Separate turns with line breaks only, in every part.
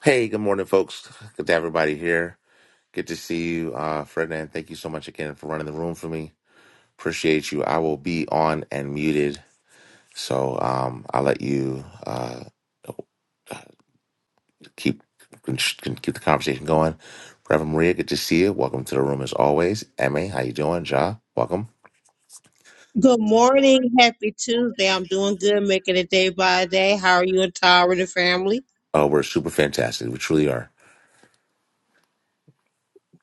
Hey, good morning, folks. Good to have everybody here. Good to see you, uh, Ferdinand. Thank you so much again for running the room for me. Appreciate you. I will be on and muted, so um, I'll let you uh, keep keep the conversation going. Reverend Maria, good to see you. Welcome to the room as always. Ma, how you doing? Ja, welcome.
Good morning. Happy Tuesday. I'm doing good, making it day by day. How are you and Tara and the family?
Oh, we're super fantastic. We truly are.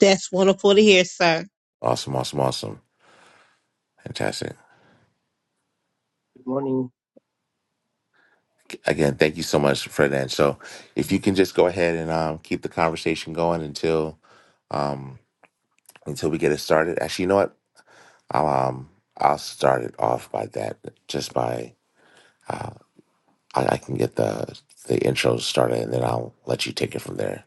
That's wonderful to hear, sir.
Awesome, awesome, awesome. Fantastic.
Good morning.
Again, thank you so much, Ferdinand. So, if you can just go ahead and um, keep the conversation going until. um, until we get it started. Actually, you know what? I'll um I'll start it off by that just by I, I can get the the intro started and then I'll let you take it from there.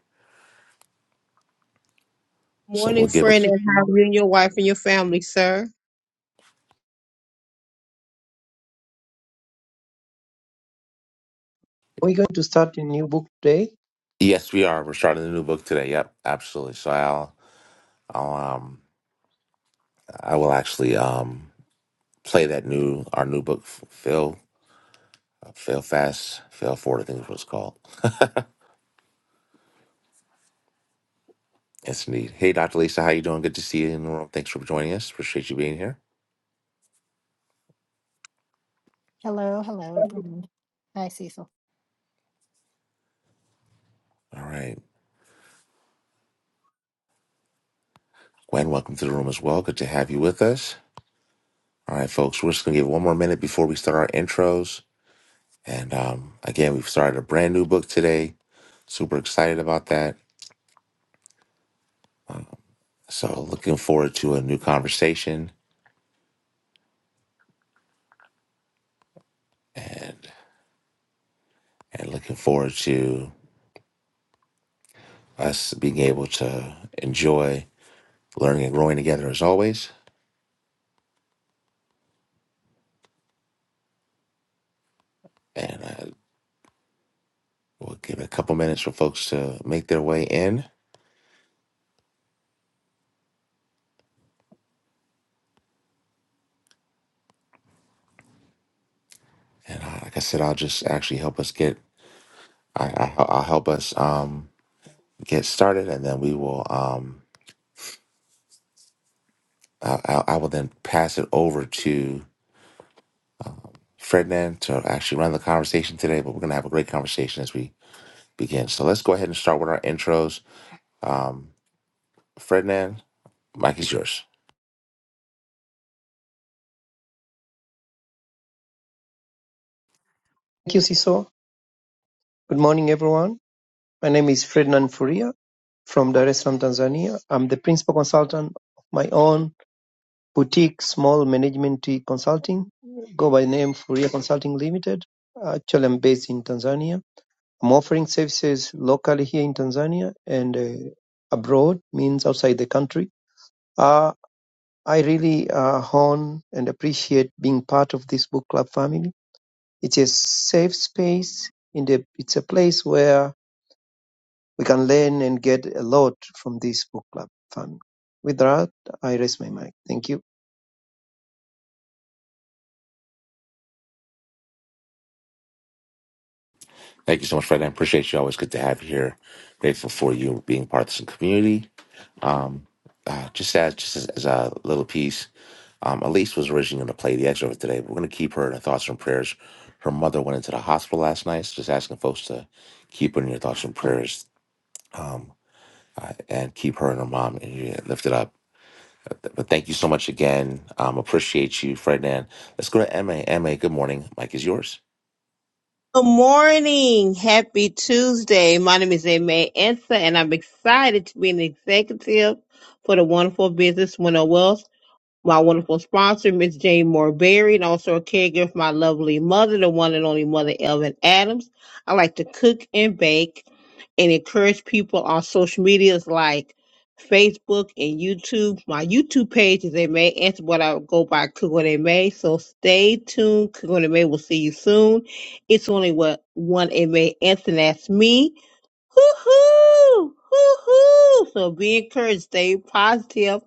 So
Morning,
we'll
I just
give
friend,
it.
wanted
and
to
how
know,
are you and your wife and your family, sir?
are we going to start a new book today?
Yes, we are. We're starting a new book today. Yep, absolutely. So I'll I'll um I will actually um play that new our new book Fail, Fail Fast Fail Forward I think is what it's called. Yes, indeed. Hey, Dr. Lisa, how you doing? Good to see you in the room. Thanks for joining us. Appreciate you being here.
Hello, hello, everyone. Hi, Cecil.
All right. Gwen, welcome to the room as well. Good to have you with us. All right, folks, we're just going to give one more minute before we start our intros. And um, again, we've started a brand new book today. Super excited about that. So, looking forward to a new conversation and and looking forward to us being able to enjoy learning and growing together as always. And uh, we'll give it a couple minutes for folks to make their way in. And uh, like I said, I'll just actually help us get, I, I, I'll help us um, get started and then we will. Um, I, I, I will then pass it over to Ferdinand to actually run the conversation today, but we're going to have a great conversation as we begin. So let's go ahead and start with our intros. Um, Ferdinand, Mike is yours.
Thank you, Siso. Good morning, everyone. My name is Ferdinand Furia from Dar es Salaam, Tanzania. I'm the principal consultant of my own boutique small management consulting, go by name Furia Consulting Limited. Actually, I'm based in Tanzania. I'm offering services locally here in Tanzania and uh, abroad, means outside the country. Uh, I really uh, hone and appreciate being part of this book club family It's a safe space in the it's a place where we can learn and get a lot from this book club fun. With that, I raise my mic. Thank you.
Thank you so much, Ferdinand. Appreciate you. Always good to have you here. Grateful for you being part of this community. Uh, just as just as, as a little piece, um, Elise was originally going to play the excerpt today, but we're going to keep her in our thoughts and prayers. Her mother went into the hospital last night, so just asking folks to keep her in your thoughts and prayers. Um, uh, and keep her and her mom and you lifted up. But thank you so much again. Um, appreciate you, Ferdinand. Let's go to MA. MA, good morning. Mike is yours.
Good morning. Happy Tuesday. My name is Aimee Ensa, and I'm excited to be an executive for the wonderful business Winner Wealth. my wonderful sponsor, Miss Jane Moore Berry, and also a caregiver for my lovely mother, the one and only mother, Elvin Adams. I like to cook and bake and encourage people on social medias like Facebook and YouTube. My YouTube page is a May Answer, but I go by Cook What It May. So stay tuned. Cook What It May will see you soon. It's only what one It May Answer, and that's me. Hoo-hoo! Hoo-hoo! So be encouraged. Stay positive.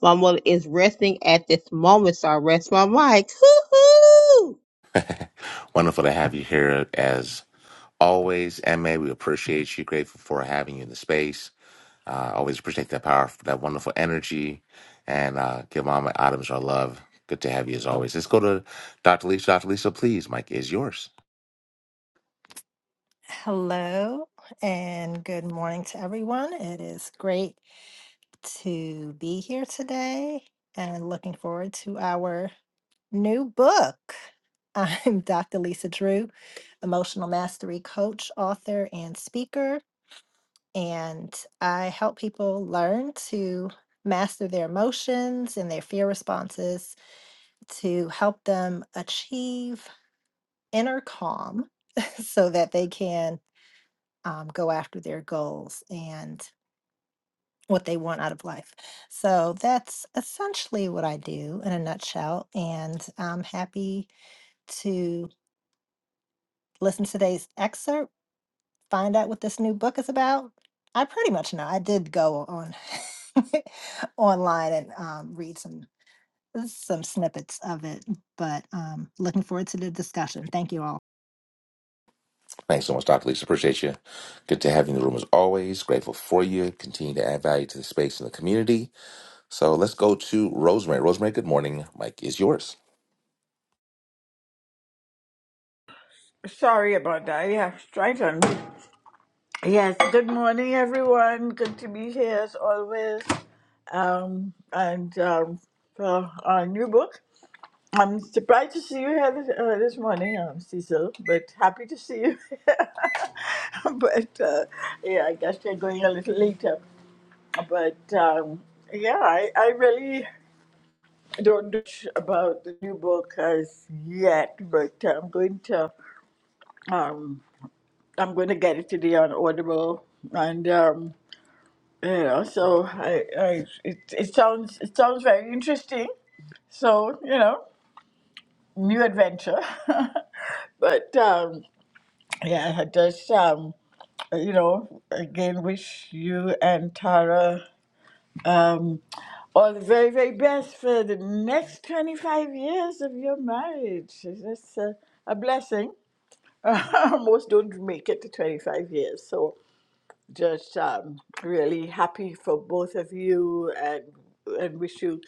My mother is resting at this moment, so I rest my mic. Hoo-hoo!
Wonderful to have you here as always. MA, we appreciate you. Grateful for having you in the space. Uh, always appreciate that power, that wonderful energy. And uh, give Mama Adams our love. Good to have you as always. Let's go to Dr. Lisa. Dr. Lisa, please. Mike is yours.
Hello, and good morning to everyone. It is great to be here today and looking forward to our new book. I'm Dr. Lisa Drew, emotional mastery coach, author, and speaker, and I help people learn to master their emotions and their fear responses to help them achieve inner calm so that they can um, go after their goals and what they want out of life. So that's essentially what I do in a nutshell. And I'm happy to listen to today's excerpt, find out what this new book is about. I pretty much know. I did go on online and um, read some some snippets of it, but um, looking forward to the discussion. Thank you all.
Thanks so much, Dr. Lisa. Appreciate you. Good to have you in the room as always. Grateful for you. Continue to add value to the space and the community. So let's go to Rosemary. Rosemary, good morning. Mike is yours.
Sorry about that. Yeah, right on. Yes. Good morning, everyone. Good to be here as always. Um, and um, for our new book, I'm surprised to see you here this, uh, this morning, um, Cecil. But happy to see you. but uh, yeah, I guess you're going a little later. But um, yeah, I, I really don't know much about the new book as yet. But I'm going to. Um, I'm going to get it today on Audible, and um, you know, so I, I it, it sounds it sounds very interesting. So you know, new adventure, but um, yeah, I just um, you know, again, wish you and Tara um, all the very very best for the next 25 years of your marriage. It's just a, a blessing. Most don't make it to 25 years, so just um, really happy for both of you and, and wish you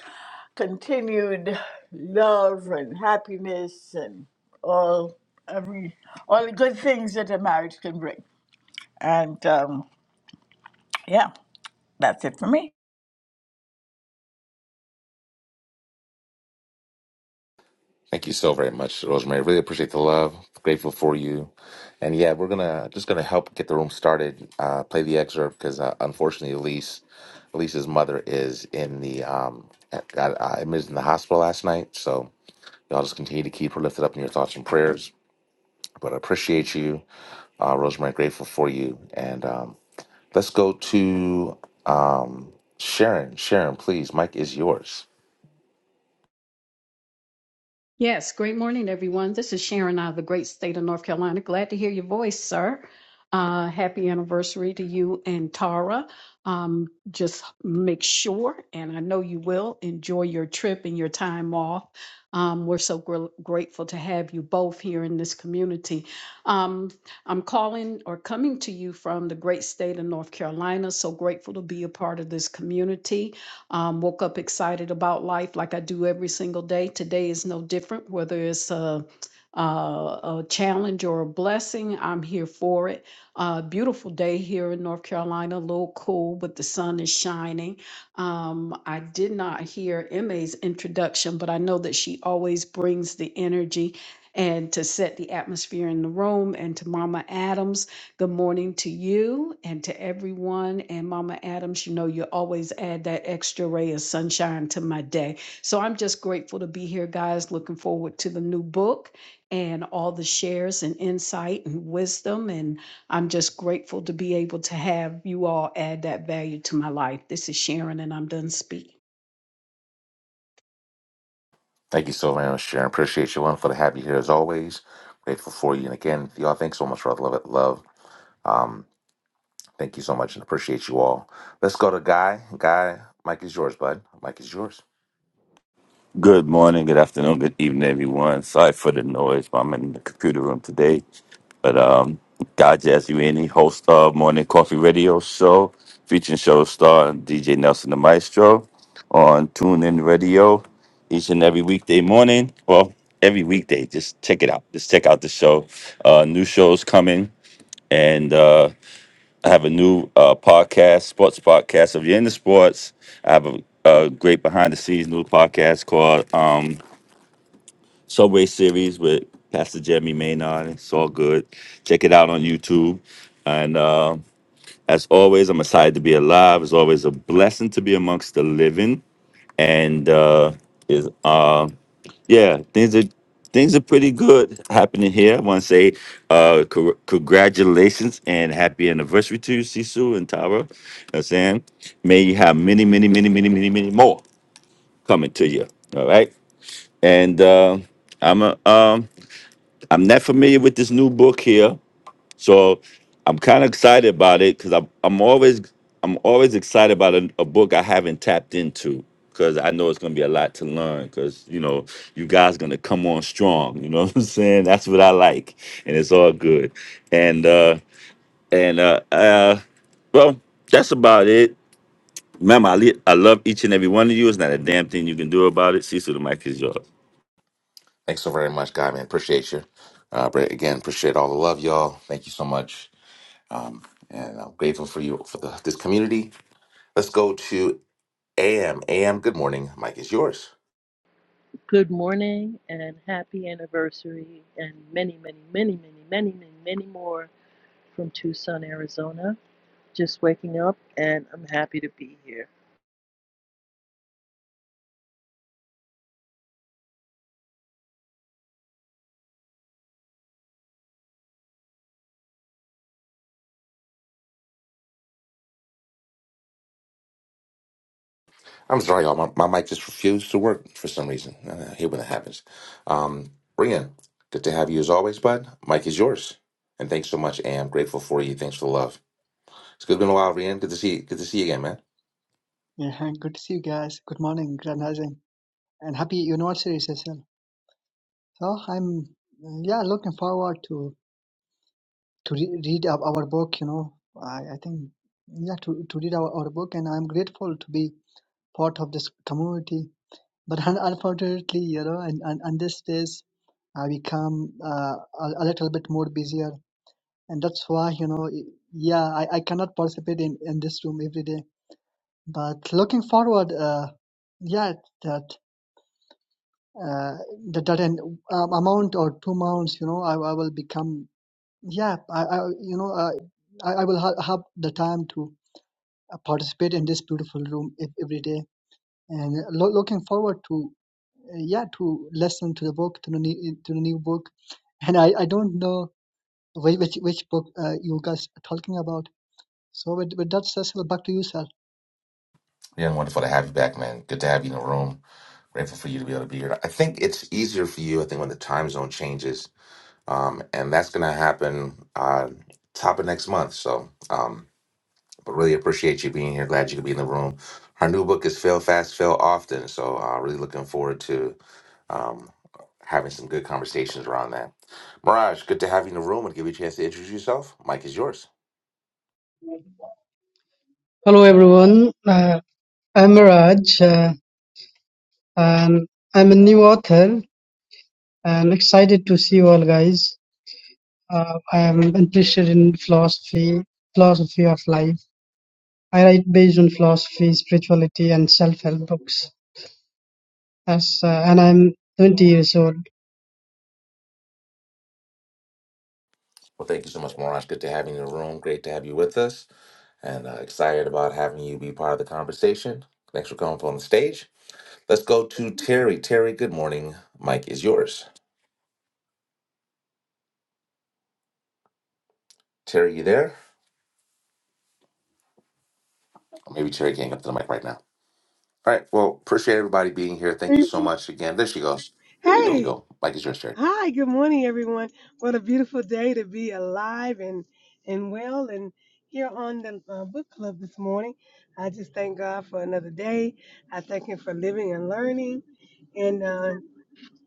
continued love and happiness and all every all the good things that a marriage can bring. And um, yeah, that's it for me.
Thank you so very much, Rosemary. Really appreciate the love. Grateful for you. And yeah, we're gonna just gonna help get the room started. Uh, play the excerpt because uh, unfortunately, Elise, Elise's mother is in the um, got uh, admitted in the hospital last night. So y'all just continue to keep her lifted up in your thoughts and prayers. But I appreciate you, uh, Rosemary. Grateful for you. And um, let's go to um, Sharon. Sharon, please. Mike is yours.
Yes, great morning, everyone. This is Sharon out of the great state of North Carolina. Glad to hear your voice, sir. Uh, happy anniversary to you and Tara. Um, just make sure, and I know you will, enjoy your trip and your time off. Um, we're so gr- grateful to have you both here in this community. Um, I'm calling or coming to you from the great state of North Carolina. So grateful to be a part of this community. Um, woke up excited about life like I do every single day. Today is no different, whether it's a, a, a challenge or a blessing, I'm here for it. Uh, beautiful day here in North Carolina, a little cool, but the sun is shining. Um, I did not hear Emma's introduction, but I know that she always brings the energy and to set the atmosphere in the room and to Mama Adams. Good morning to you and to everyone. And Mama Adams, you know, you always add that extra ray of sunshine to my day. So I'm just grateful to be here, guys. Looking forward to the new book and all the shares and insight and wisdom. And I'm just grateful to be able to have you all add that value to my life. This is Sharon, and I'm done speaking.
Thank you so very much, Sharon. Appreciate you, wonderful to have you here as always. Grateful for you. And again, y'all, thanks so much for all the love. It love. Um, thank you so much and appreciate you all. Let's go to Guy. Guy, Mike is yours, bud. Mike is yours.
Good morning, good afternoon, good evening, everyone. Sorry for the noise, but I'm in the computer room today. But um, God Jazz Ueni, host of Morning Coffee Radio Show, featuring show star DJ Nelson the Maestro on TuneIn Radio each and every weekday morning. Well, every weekday, just check it out. Just check out the show. Uh, new shows coming, and uh, I have a new uh, podcast, sports podcast. If you're into sports, I have a, a great behind the scenes new podcast called. Um, Subway series with Pastor Jeremy Maynard. It's all good. Check it out on YouTube. And uh, as always, I'm excited to be alive. It's always a blessing to be amongst the living. And uh, is uh, yeah, things are things are pretty good happening here. I want to say uh, cor- congratulations and happy anniversary to you, Sisu and Tara. You know what I'm saying may you have many, many, many, many, many, many more coming to you. All right, and uh, I'm a um. I'm not familiar with this new book here, so I'm kind of excited about it because I'm I'm always I'm always excited about a, a book I haven't tapped into because I know it's gonna be a lot to learn because you know you guys gonna come on strong. You know what I'm saying? That's what I like, and it's all good. And uh and uh uh well, that's about it. Remember, I, li- I love each and every one of you. It's not a damn thing you can do about it. Cecil, the mic is yours.
Thanks so very much, Guy, man. Appreciate you. Uh, but again, appreciate all the love, y'all. Thank you so much. Um, and I'm grateful for you, for the, this community. Let's go to AM. AM, good morning. Mike is yours.
Good morning and happy anniversary and many, many, many, many, many, many, many more from Tucson, Arizona. Just waking up and I'm happy to be here.
I'm sorry, y'all. My, my mic just refused to work for some reason. Uh, I hate when that happens. Um, Rian, good to have you as always, bud. Mike is yours, and thanks so much. Am grateful for you. Thanks for the love. It's good- been a while, Rian. Good to see. Good to see you again, man.
Yeah, good to see you guys. Good morning, Grand Rising, and happy anniversary, Cecil. So I'm, uh, yeah, looking forward to to re- read our, our book. You know, I, I think yeah to to read our, our book, and I'm grateful to be part of this community. But un- unfortunately, you know, and and, and this days, I become uh, a, a little bit more busier, and that's why you know, y- yeah, I, I cannot participate in in this room every day. But looking forward, uh, yeah. uh, that, that an um, amount or two amounts, you know, I, I will become, yeah, I, I you know, uh, I, I will ha- have the time to uh, participate in this beautiful room ev- every day, and lo- looking forward to, uh, yeah, to listen to the book, to the new, to the new book, and I, I don't know which which, which book uh, you guys are talking about. So with, with that, Cecil, back to you, sir.
Rian, wonderful to have you back, man. Good to have you in the room. Grateful for you to be able to be here. I think it's easier for you. I think when the time zone changes, um, and that's going to happen uh, top of next month. So. Um, but really appreciate you being here. Glad you could be in the room. Her new book is Fail Fast, Fail Often. So uh, really looking forward to um, having some good conversations around that. Mirage, good to have you in the room and give you a chance to introduce yourself. Mike is yours.
Hello everyone, uh, I'm Raj uh, and I'm a new author and excited to see you all guys. Uh, I am interested in philosophy, philosophy of life. I write based on philosophy, spirituality and self-help books. As, uh, and I'm 20 years old.
Well, thank you so much, Mirage. Good to have you in the room. Great to have you with us and uh, excited about having you be part of the conversation. Thanks for coming up on the stage. Let's go to Terry. Terry, good morning. Mike is yours. Terry, you there? Maybe Terry can't get up to the mic right now. All right. Well, appreciate everybody being here. Thank you so much again. There she goes. There you
Hey,
go. Mike is yours, Sherry.
hi, good morning, everyone. What a beautiful day to be alive and and well, and here on the uh, book club this morning. I just thank God for another day. I thank Him for living and learning, and uh,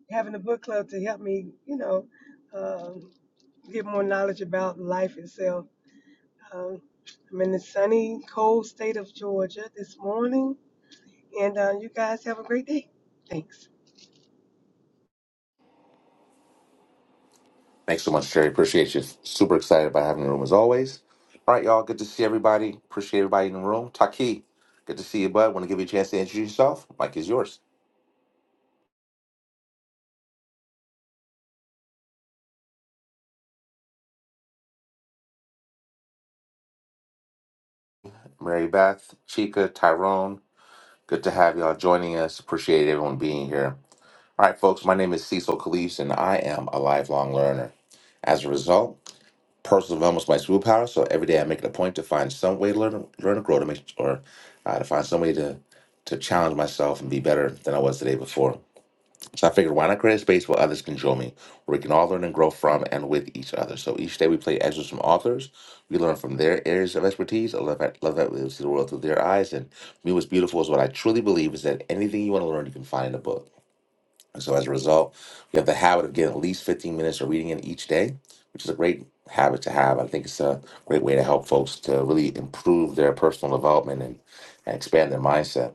having a book club to help me, you know, um get more knowledge about life itself. Um, I'm in the sunny, cold state of Georgia this morning, and uh, you guys have a great day. Thanks.
Thanks so much, Sherry. Appreciate you. Super excited about having the room as always. All right, y'all. Good to see everybody. Appreciate everybody in the room. Taki, good to see you, bud. Want to give you a chance to introduce yourself? Mike is yours. Mary Beth, Chica, Tyrone. Good to have y'all joining us. Appreciate everyone being here. All right, folks. My name is Cecil Calise, and I am a lifelong learner. As a result, personal development is my superpower. So every day I make it a point to find some way to learn, learn and grow, to make or uh, to find some way to to challenge myself and be better than I was the day before. So I figured, why not create a space where others can join me, where we can all learn and grow from and with each other. So each day we play excerpts from authors. We learn from their areas of expertise. I love that. Love that we see the world through their eyes. And me, what's beautiful is what I truly believe is that anything you want to learn, you can find in a book. So as a result, we have the habit of getting at least 15 minutes of reading in each day, which is a great habit to have. I think it's a great way to help folks to really improve their personal development and, and expand their mindset.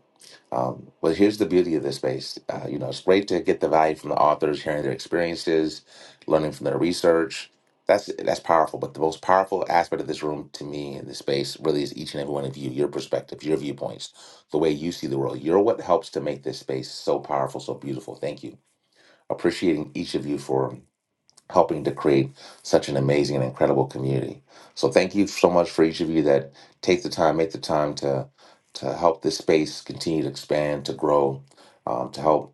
Um, but here's the beauty of this space. Uh, you know, it's great to get the value from the authors, hearing their experiences, learning from their research. That's that's powerful. But the most powerful aspect of this room to me in this space really is each and every one of you, your perspective, your viewpoints, the way you see the world. You're what helps to make this space so powerful, so beautiful. Thank you appreciating each of you for helping to create such an amazing and incredible community. So thank you so much for each of you that take the time, make the time to to help this space continue to expand, to grow, um, to help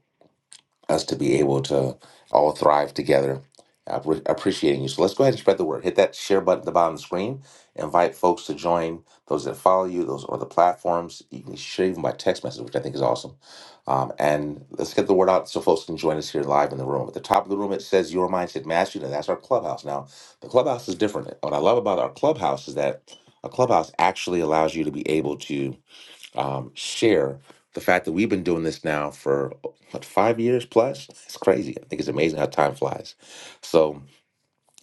us to be able to all thrive together. I appre- Appreciating you. So let's go ahead and spread the word. Hit that share button at the bottom of the screen. Invite folks to join those that follow you, those on the platforms. You can share even by text message, which I think is awesome. Um, and let's get the word out so folks can join us here live in the room. At the top of the room, it says Your Mindset Mastery, and that's our clubhouse. Now, the clubhouse is different. What I love about our clubhouse is that a clubhouse actually allows you to be able to um, share the fact that we've been doing this now for what five years plus. It's crazy. I think it's amazing how time flies. So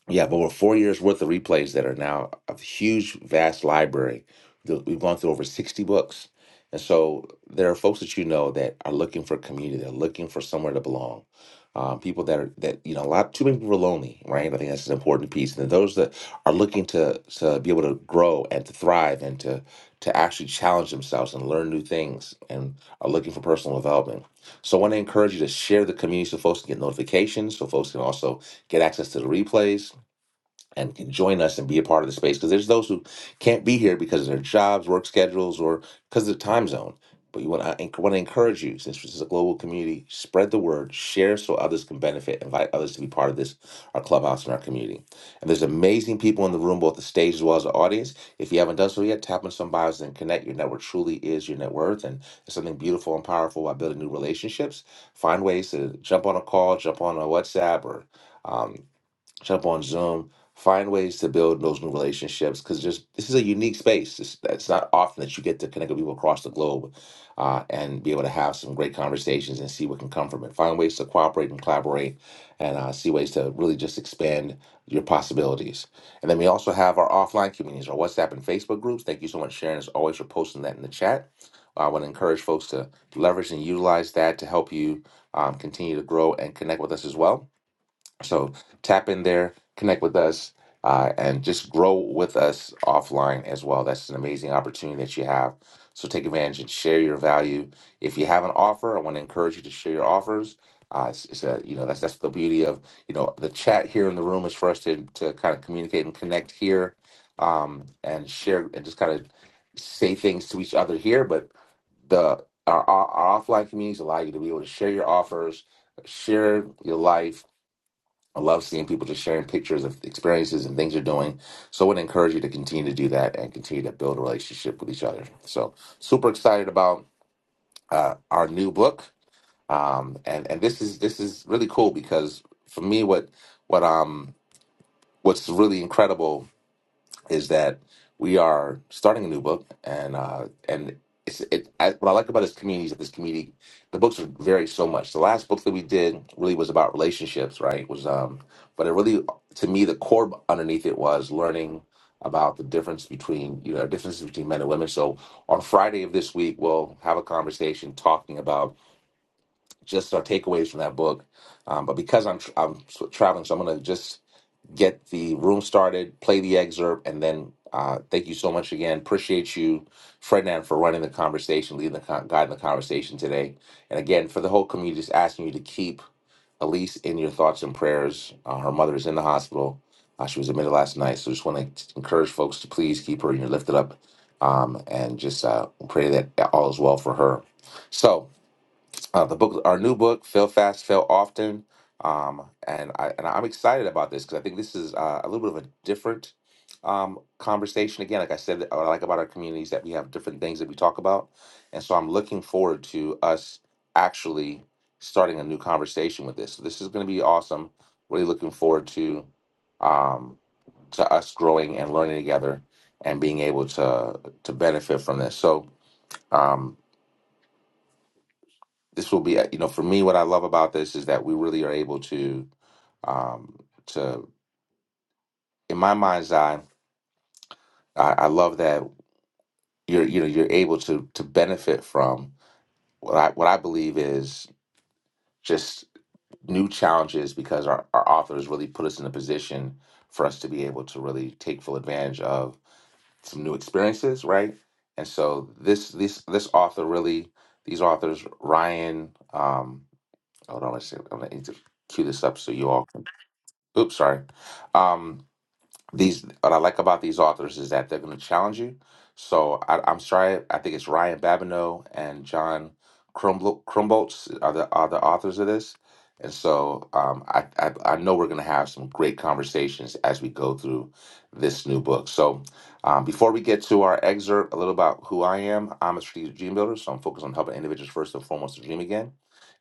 we have over four years worth of replays that are now a huge, vast library. that We've gone through over 60 books. And so there are folks that you know that are looking for community, they're looking for somewhere to belong. Um, people that are that you know a lot too many people are lonely, right? I think that's an important piece. And those that are looking to to be able to grow and to thrive and to to actually challenge themselves and learn new things and are looking for personal development. So I want to encourage you to share the community so folks can get notifications, so folks can also get access to the replays and can join us and be a part of the space because there's those who can't be here because of their jobs, work schedules, or because of the time zone. But you want to want to encourage you since this is a global community, spread the word, share so others can benefit, invite others to be part of this our clubhouse and our community. And there's amazing people in the room, both the stage as well as the audience. If you haven't done so yet, tap on some bios and connect. Your network truly is your net worth, and there's something beautiful and powerful about building new relationships. Find ways to jump on a call, jump on a WhatsApp, or um, jump on Zoom, find ways to build those new relationships because just this is a unique space. It's, it's not often that you get to connect with people across the globe uh, and be able to have some great conversations and see what can come from it. Find ways to cooperate and collaborate and uh, see ways to really just expand your possibilities. And then we also have our offline communities, our WhatsApp and Facebook groups. Thank you so much, Sharon, as always, for posting that in the chat. I want to encourage folks to leverage and utilize that to help you um, continue to grow and connect with us as well. So tap in there, connect with us, uh, and just grow with us offline as well. That's an amazing opportunity that you have. So take advantage and share your value. If you have an offer, I want to encourage you to share your offers. Uh, it's, it's a, you know that's that's the beauty of you know the chat here in the room is for us to to kind of communicate and connect here, um, and share and just kind of say things to each other here. But the our, our our offline communities allow you to be able to share your offers, share your life, I love seeing people just sharing pictures of experiences and things they're doing. So I would encourage you to continue to do that and continue to build a relationship with each other. So super excited about uh, our new book. Um, and and this is this is really cool because for me, what what um what's really incredible is that we are starting a new book, and uh, and it's, it. I, what I like about this community is that this community, the books vary so much. The last book that we did really was about relationships, right? Was um, but it really to me the core underneath it was learning about the difference between you know differences between men and women. So on Friday of this week, we'll have a conversation talking about just our takeaways from that book. Um, but because I'm, tr- I'm s- traveling, so I'm going to just get the room started, play the excerpt, and then uh, thank you so much again. Appreciate you, Ferdinand, for running the conversation, leading the con- guiding the conversation today. And again, for the whole community, just asking you to keep Elise in your thoughts and prayers. Uh, her mother is in the hospital. Uh, she was admitted last night, so just want to encourage folks to please keep her in your lifted up, um, and just uh, pray that all is well for her. So uh, the book, our new book, "Fail Fast, Fail Often," um, and I and I'm excited about this because I think this is uh, a little bit of a different um, conversation. Again, like I said, what I like about our community is that we have different things that we talk about, and so I'm looking forward to us actually starting a new conversation with this. So this is going to be awesome. Really looking forward to um, to us growing and learning together and being able to to benefit from this. So. Um, this will be uh, you know for me what i love about this is that we really are able to um to in my mind's eye i, I love that you're you know you're able to to benefit from what i what i believe is just new challenges because our, our authors really put us in a position for us to be able to really take full advantage of some new experiences right and so this this this author really these authors ryan um hold on let's see, i i'm going to cue this up so you all Oops, sorry. Um, these what I like about these authors is that they're going to challenge you. So I, I'm sorry, I think it's Ryan Babineau and John Krumbo- Krumbolz are the are the authors of this, and so um, I, I I know we're going to have some great conversations as we go through this new book. So um, before we get to our excerpt, a little about who I am. I'm a strategic dream builder, so I'm focused on helping individuals first and foremost to dream again.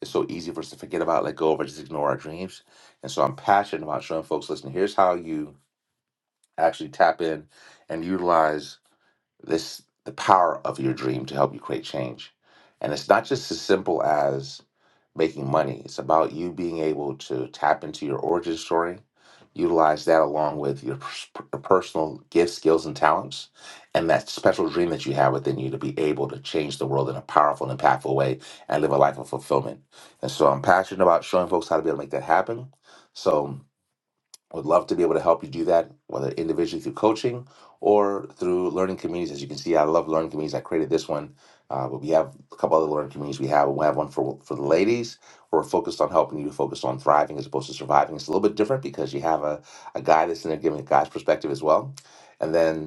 It's so easy for us to forget about, let go of, or just ignore our dreams. And so I'm passionate about showing folks, listen, here's how you actually tap in and utilize this the power of your dream to help you create change and it's not just as simple as making money it's about you being able to tap into your origin story utilize that along with your pers- your personal gifts skills and talents and that special dream that you have within you to be able to change the world in a powerful and impactful way and live a life of fulfillment and so i'm passionate about showing folks how to be able to make that happen so would love to be able to help you do that, whether individually through coaching or through learning communities. As you can see, I love learning communities. I created this one, uh, but we have a couple other learning communities. We have we have one for for the ladies. We're focused on helping you to focus on thriving as opposed to surviving. It's a little bit different because you have a, a guy that's in there giving a guy's perspective as well. And then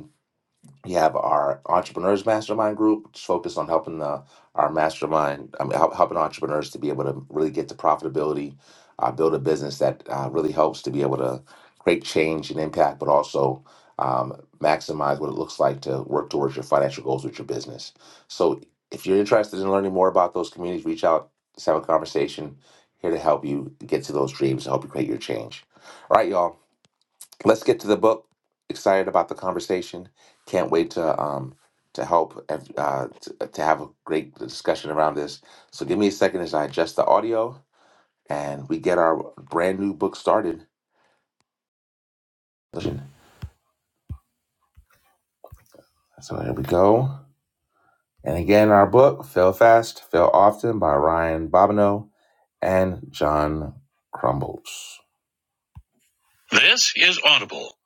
we have our entrepreneurs mastermind group, which is focused on helping the, our mastermind, I mean, help, helping entrepreneurs to be able to really get to profitability, uh, build a business that uh, really helps to be able to create change and impact, but also um, maximize what it looks like to work towards your financial goals with your business. So, if you're interested in learning more about those communities, reach out, let's have a conversation. Here to help you get to those dreams, to help you create your change. All right, y'all let's get to the book. Excited about the conversation. Can't wait to um to help uh, to, to have a great discussion around this. So give me a second as I adjust the audio and we get our brand new book started. Listen, So here we go. And again, our book "Fail Fast, Fail Often" by Ryan Bobineau and John Crumbles. This is Audible.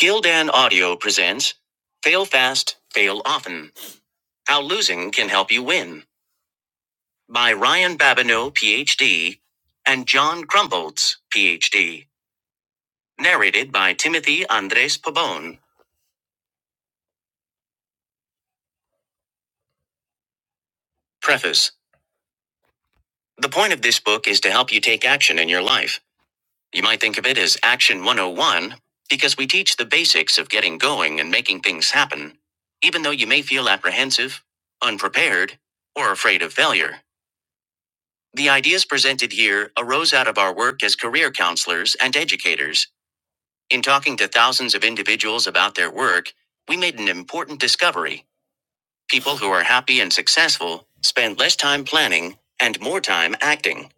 Gildan Audio presents "Fail Fast, Fail Often: How Losing Can Help You Win." by Ryan Babineau, PhD, and John Crumboltz, PhD. Narrated by Timothy Andres Pabon. Preface The point of this book is to help you take action in your life. You might think of it as Action 101 because we teach the basics of getting going and making things happen, even though you may feel apprehensive, unprepared, or afraid of failure. The ideas presented here arose out of our work as career counselors and educators In talking to thousands of individuals about their work, we made an important discovery. People who are happy and successful spend less time planning and more time acting.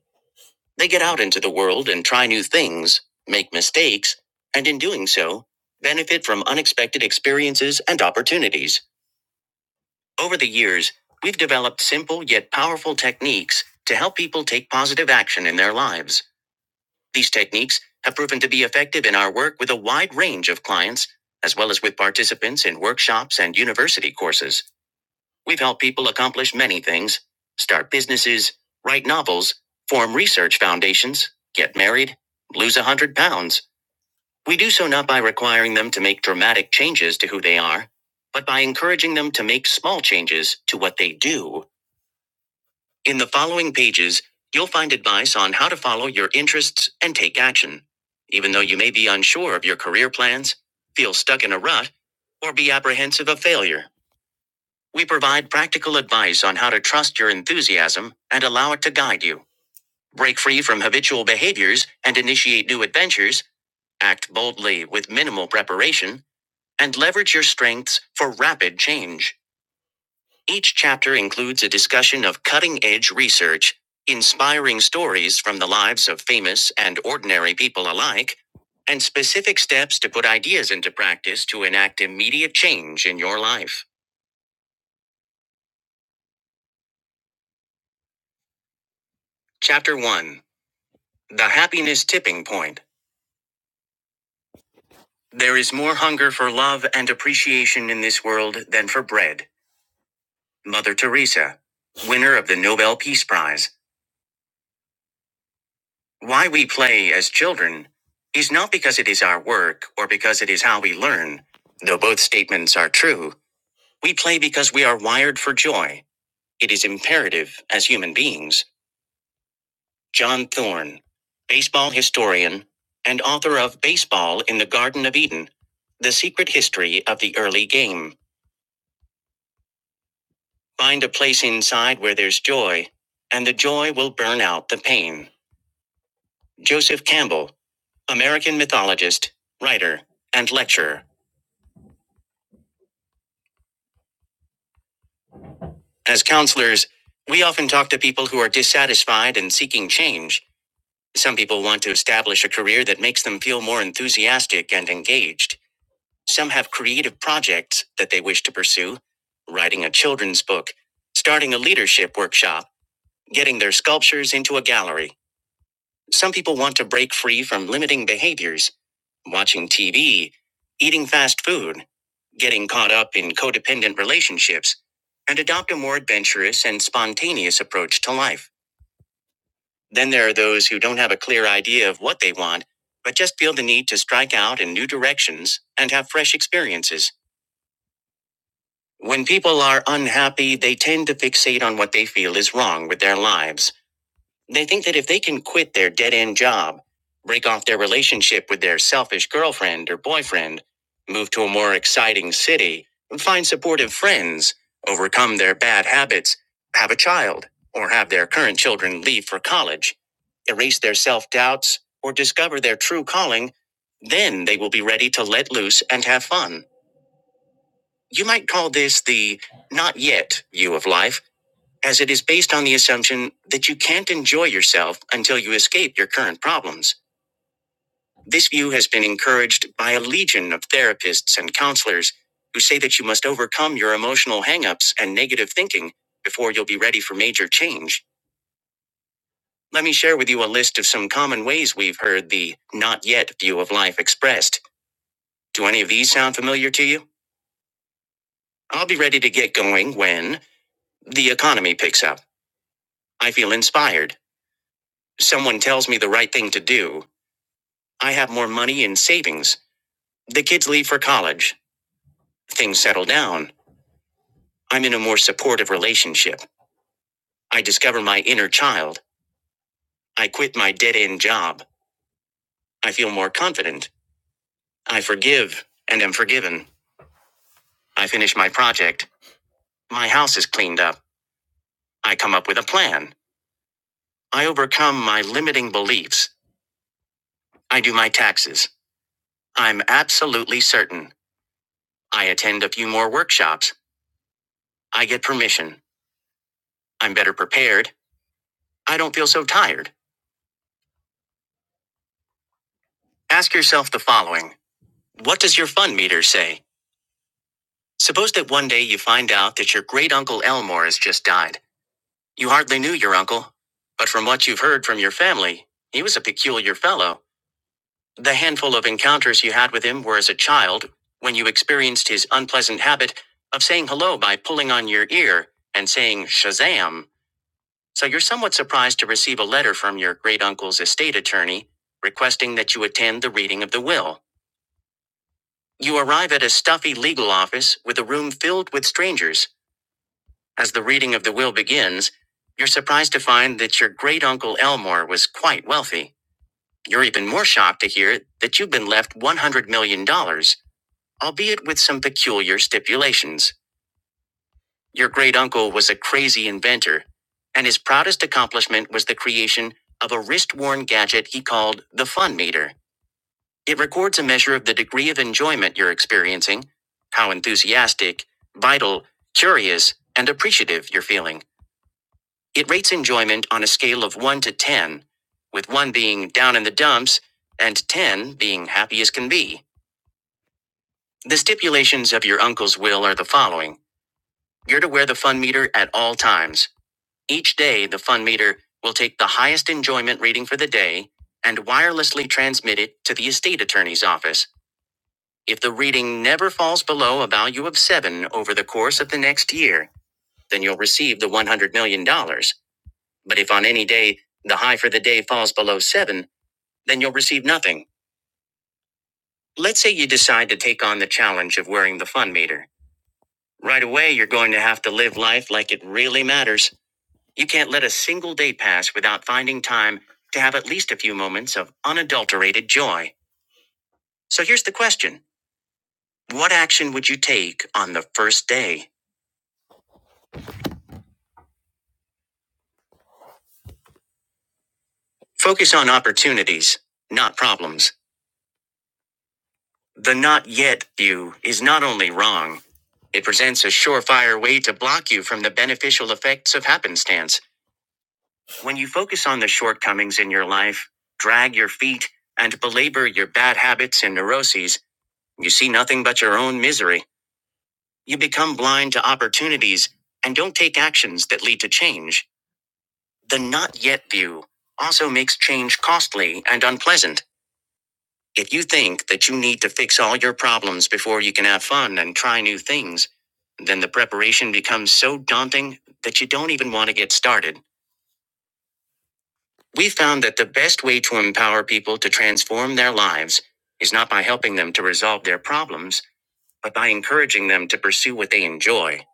They get out into the world and try new things, make mistakes, and in doing so, benefit from unexpected experiences and opportunities. Over the years, we've developed simple yet powerful techniques to help people take positive action in their lives. These techniques have proven to be effective in our work with a wide range of clients, as well as with participants in workshops and university courses. We've helped people accomplish many things start businesses, write novels, form research foundations, get married, lose 100 pounds. We do so not by requiring them to make dramatic changes to who they are, but by encouraging them to make small changes to what they do in the following pages, you'll find advice on how to follow your interests and take action. Even though you may be unsure of your career plans, feel stuck in a rut, or be apprehensive of failure, we provide practical advice on how to trust your enthusiasm and allow it to guide you. Break free from habitual behaviors and initiate new adventures, act boldly with minimal preparation, and leverage your strengths for rapid change. Each chapter includes a discussion of cutting edge research, inspiring stories from the lives of famous and ordinary people alike, and specific steps to put ideas into practice to enact immediate change in your life. Chapter 1 The Happiness Tipping Point. There is more hunger for love and appreciation in this world than for bread. Mother Teresa, winner of the Nobel Peace Prize. Why we play as children is not because it is our work or because it is how we learn. Though both statements are true, we play because we are wired for joy. It is imperative as human beings. John Thorne, baseball historian and author of Baseball in the Garden of Eden The Secret History of the Early Game. Find a place inside where there's joy, and the joy will burn out the pain. Joseph Campbell, American mythologist, writer, and lecturer. As counselors, we often talk to people who are dissatisfied and seeking change. Some people want to establish a career that makes them feel more enthusiastic and engaged. Some have creative projects that they wish to pursue writing a children's book, starting a leadership workshop, getting their sculptures into a gallery. Some people want to break free from limiting behaviors, watching TV, eating fast food, getting caught up in codependent relationships, and adopt a more adventurous and spontaneous approach to life. Then there are those who don't have a clear idea of what they want, but just feel the need to strike out in new directions and have fresh experiences. When people are unhappy, they tend to fixate on what they feel is wrong with their lives. They think that if they can quit their dead end job, break off their relationship with their selfish girlfriend or boyfriend, move to a more exciting city, find supportive friends, overcome their bad habits, have a child, or have their current children leave for college, erase their self doubts, or discover their true calling, then they will be ready to let loose and have fun. You might call this the not yet view of life as it is based on the assumption that you can't enjoy yourself until you escape your current problems. This view has been encouraged by a legion of therapists and counselors who say that you must overcome your emotional hangups and negative thinking before you'll be ready for major change. Let me share with you a list of some common ways we've heard the not yet view of life expressed. Do any of these sound familiar to you? I'll be ready to get going when the economy picks up. I feel inspired. Someone tells me the right thing to do I have more money in savings. The kids leave for college. Things settle down. I'm in a more supportive relationship. I discover my inner child. I quit my dead end job. I feel more confident. I forgive and am forgiven. I finish my project. My house is cleaned up. I come up with a plan. I overcome my limiting beliefs. I do my taxes. I'm absolutely certain. I attend a few more workshops. I get permission. I'm better prepared. I don't feel so tired. Ask yourself the following What does your fun meter say? Suppose that one day you find out that your great uncle Elmore has just died. You hardly knew your uncle, but from what you've heard from your family, he was a peculiar fellow. The handful of encounters you had with him were as a child, when you experienced his unpleasant habit of saying hello by pulling on your ear and saying Shazam. So you're somewhat surprised to receive a letter from your great uncle's estate attorney requesting that you attend the reading of the will. You arrive at a stuffy legal office with a room filled with strangers. As the reading of the will begins, you're surprised to find that your great uncle Elmore was quite wealthy. You're even more shocked to hear that you've been left $100 million, dollars, albeit with some peculiar stipulations. Your great uncle was a crazy inventor, and his proudest accomplishment was the creation of a wrist worn gadget he called the Fun Meter. It records a measure of the degree of enjoyment you're experiencing, how enthusiastic, vital, curious, and appreciative you're feeling. It rates enjoyment on a scale of 1 to 10, with 1 being down in the dumps and 10 being happy as can be. The stipulations of your uncle's will are the following You're to wear the fun meter at all times. Each day, the fun meter will take the highest enjoyment reading for the day and wirelessly transmit it to the estate attorney's office. If the reading never falls below a value of 7 over the course of the next year, then you'll receive the $100 million. dollars. But if on any day the high for the day falls below 7, then you'll receive nothing. Let's say you decide to take on the challenge of wearing the fun meter. Right away, you're going to have to live life like it really matters. You can't let a single day pass without finding time to have at least a few moments of unadulterated joy. So here's the question What action would you take on the first day? Focus on opportunities, not problems. The not yet view is not only wrong, it presents a surefire way to block you from the beneficial effects of happenstance. When you focus on the shortcomings in your life, drag your feet, and belabor your bad habits and neuroses, you see nothing but your own misery. You become blind to opportunities and don't take actions that lead to change. The not yet view also makes change costly and unpleasant. If you think that you need to fix all your problems before you can have fun and try new things, then the preparation becomes so daunting that you don't even want to get started. We found that the best way to empower people to transform their lives is not by helping them to resolve their problems, but by encouraging them to pursue what they enjoy.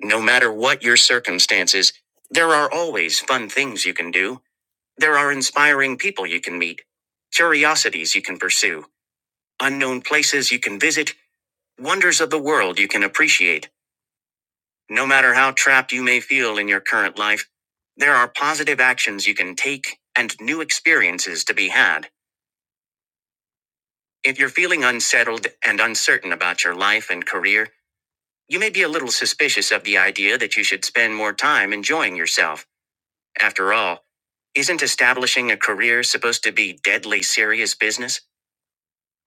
No matter what your circumstances, there are always fun things you can do. There are inspiring people you can meet, curiosities you can pursue, unknown places you can visit, Wonders of the world you can appreciate. No matter how trapped you may feel in your current life, there are positive actions you can take and new experiences to be had. If you're feeling unsettled and uncertain about your life and career, you may be a little suspicious of the idea that you should spend more time enjoying yourself. After all, isn't establishing a career supposed to be deadly serious business?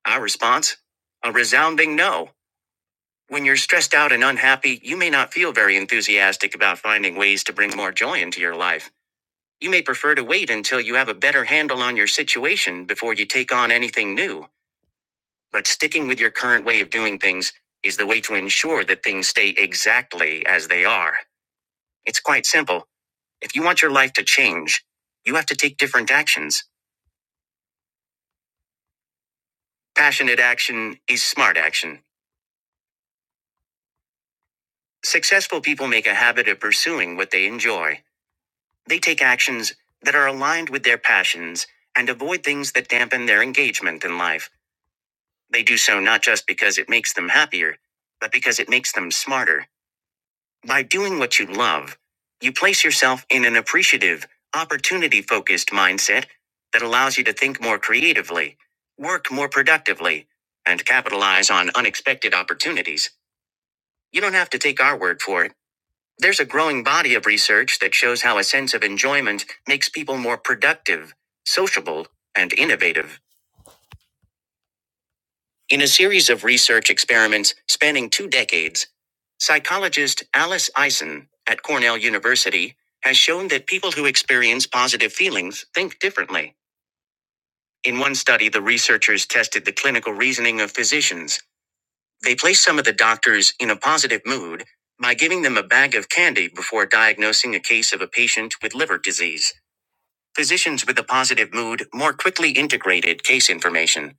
Our response? A resounding no. When you're stressed out and unhappy, you may not feel very enthusiastic about finding ways to bring more joy into your life. You may prefer to wait until you have a better handle on your situation before you take on anything new. But sticking with your current way of doing things is the way to ensure that things stay exactly as they are. It's quite simple. If you want your life to change, you have to take different actions. Passionate action is smart action. Successful people make a habit of pursuing what they enjoy. They take actions that are aligned with their passions and avoid things that dampen their engagement in life. They do so not just because it makes them happier, but because it makes them smarter. By doing what you love, you place yourself in an appreciative, opportunity focused mindset that allows you to think more creatively, work more productively, and capitalize on unexpected opportunities. You don't have to take our word for it. There's a growing body of research that shows how a sense of enjoyment makes people more productive, sociable, and innovative. In a series of research experiments spanning two decades, psychologist Alice Eisen at Cornell University has shown that people who experience positive feelings think differently. In one study, the researchers tested the clinical reasoning of physicians. They placed some of the doctors in a positive mood by giving them a bag of candy before diagnosing a case of a patient with liver disease. Physicians with a positive mood more quickly integrated case information.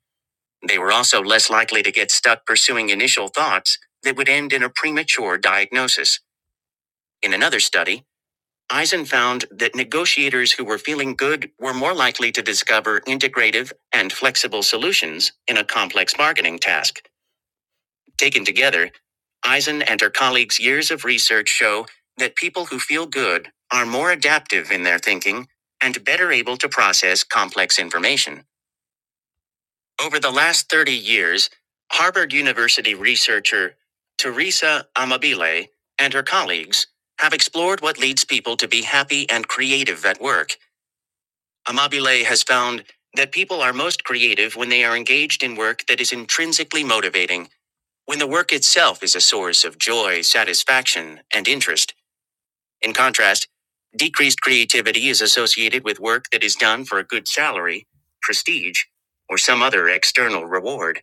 They were also less likely to get stuck pursuing initial thoughts that would end in a premature diagnosis. In another study, Eisen found that negotiators who were feeling good were more likely to discover integrative and flexible solutions in a complex bargaining task. Taken together, Eisen and her colleagues' years of research show that people who feel good are more adaptive in their thinking and better able to process complex information. Over the last 30 years, Harvard University researcher Teresa Amabile and her colleagues have explored what leads people to be happy and creative at work. Amabile has found that people are most creative when they are engaged in work that is intrinsically motivating when the work itself is a source of joy, satisfaction, and interest. In contrast, decreased creativity is associated with work that is done for a good salary, prestige, or some other external reward.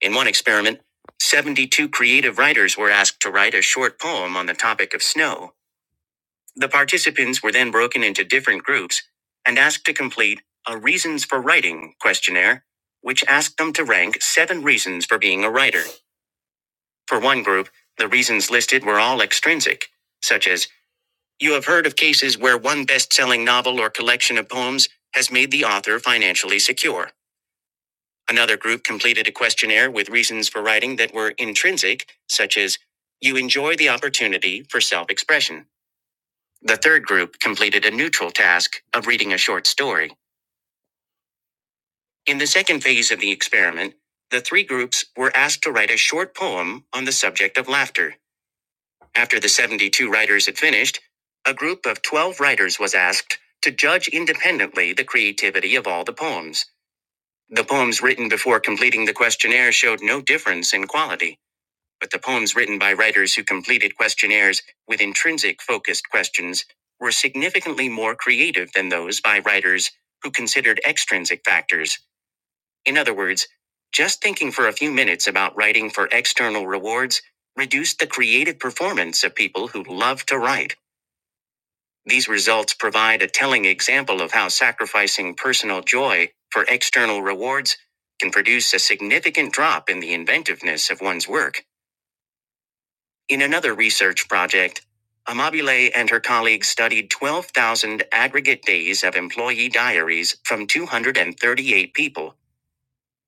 In one experiment, 72 creative writers were asked to write a short poem on the topic of snow. The participants were then broken into different groups and asked to complete a reasons for writing questionnaire, which asked them to rank seven reasons for being a writer. For one group, the reasons listed were all extrinsic, such as, you have heard of cases where one best selling novel or collection of poems has made the author financially secure. Another group completed a questionnaire with reasons for writing that were intrinsic, such as, you enjoy the opportunity for self expression. The third group completed a neutral task of reading a short story. In the second phase of the experiment, the three groups were asked to write a short poem on the subject of laughter. After the 72 writers had finished, a group of 12 writers was asked to judge independently the creativity of all the poems. The poems written before completing the questionnaire showed no difference in quality, but the poems written by writers who completed questionnaires with intrinsic focused questions were significantly more creative than those by writers who considered extrinsic factors in other words, just thinking for a few minutes about writing for external rewards reduced the creative performance of people who love to write. These results provide a telling example of how sacrificing personal joy for external rewards can produce a significant drop in the inventiveness of one's work. In another research project, Amabile and her colleagues studied 12,000 aggregate days of employee diaries from 238 people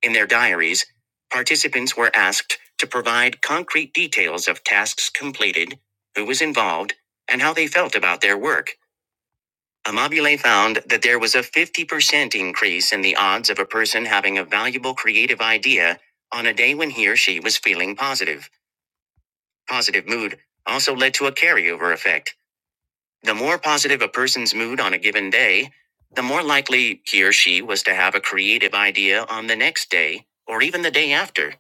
In their diaries, participants were asked to provide concrete details of tasks completed, who was involved, and how they felt about their work. Amabile found that there was a 50% increase in the odds of a person having a valuable creative idea on a day when he or she was feeling positive. Positive mood also led to a carryover effect. The more positive a person's mood on a given day, the more likely he or she was to have a creative idea on the next day or even the day after.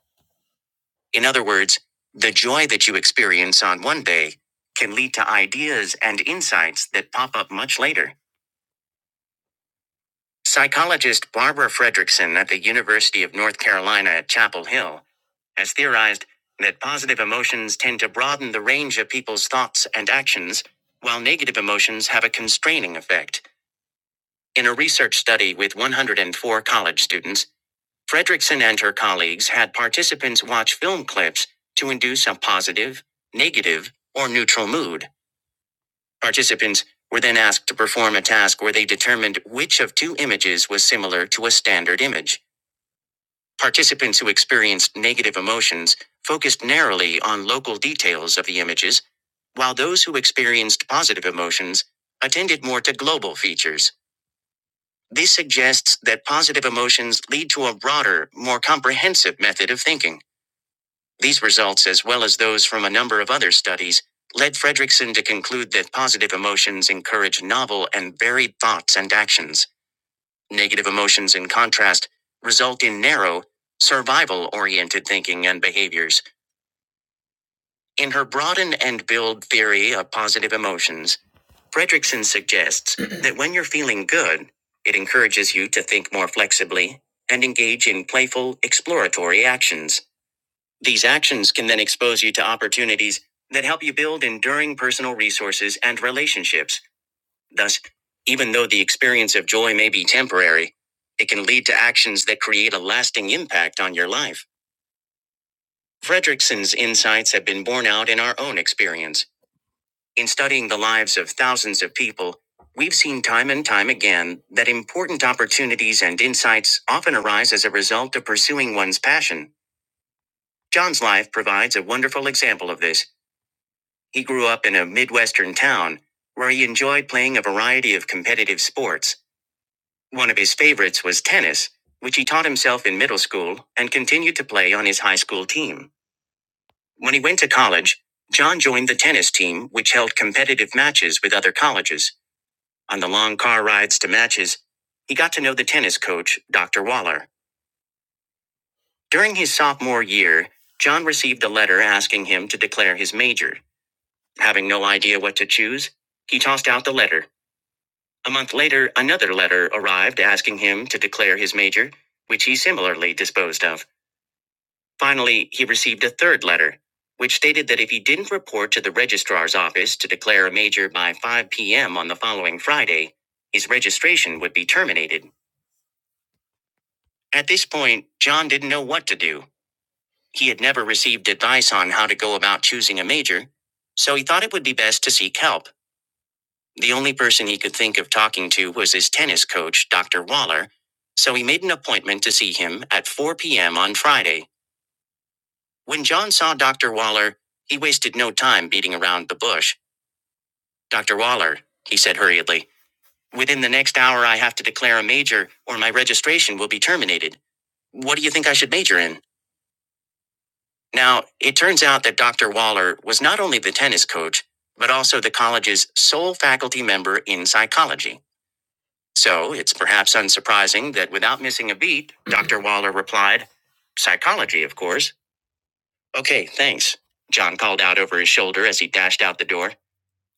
In other words, the joy that you experience on one day can lead to ideas and insights that pop up much later. Psychologist Barbara Fredrickson at the University of North Carolina at Chapel Hill has theorized that positive emotions tend to broaden the range of people's thoughts and actions, while negative emotions have a constraining effect. In a research study with 104 college students, Fredrickson and her colleagues had participants watch film clips to induce a positive, negative, or neutral mood. Participants were then asked to perform a task where they determined which of two images was similar to a standard image. Participants who experienced negative emotions focused narrowly on local details of the images, while those who experienced positive emotions attended more to global features. This suggests that positive emotions lead to a broader, more comprehensive method of thinking. These results, as well as those from a number of other studies, led Fredrickson to conclude that positive emotions encourage novel and varied thoughts and actions. Negative emotions, in contrast, result in narrow, survival oriented thinking and behaviors. In her broaden and build theory of positive emotions, Fredrickson suggests that when you're feeling good, it encourages you to think more flexibly and engage in playful, exploratory actions. These actions can then expose you to opportunities that help you build enduring personal resources and relationships. Thus, even though the experience of joy may be temporary, it can lead to actions that create a lasting impact on your life. Fredrickson's insights have been borne out in our own experience. In studying the lives of thousands of people, we've seen time and time again that important opportunities and insights often arise as a result of pursuing one's passion. John's life provides a wonderful example of this. He grew up in a Midwestern town where he enjoyed playing a variety of competitive sports. One of his favorites was tennis, which he taught himself in middle school and continued to play on his high school team. When he went to college, John joined the tennis team, which held competitive matches with other colleges. On the long car rides to matches, he got to know the tennis coach, Dr. Waller. During his sophomore year, John received a letter asking him to declare his major. Having no idea what to choose, he tossed out the letter A month later, another letter arrived asking him to declare his major, which he similarly disposed of. Finally, he received a third letter, which stated that if he didn't report to the registrar's office to declare a major by 5 p.m. on the following Friday, his registration would be terminated. At this point, John didn't know what to do. He had never received advice on how to go about choosing a major, so he thought it would be best to seek help. The only person he could think of talking to was his tennis coach, Dr. Waller, so he made an appointment to see him at 4 p.m. on Friday. When John saw Dr. Waller, he wasted no time beating around the bush. Dr. Waller, he said hurriedly, within the next hour I have to declare a major or my registration will be terminated. What do you think I should major in? Now, it turns out that Dr. Waller was not only the tennis coach, but also the college's sole faculty member in psychology. So it's perhaps unsurprising that without missing a beat, Dr. Waller replied, Psychology, of course. Okay, thanks. John called out over his shoulder as he dashed out the door.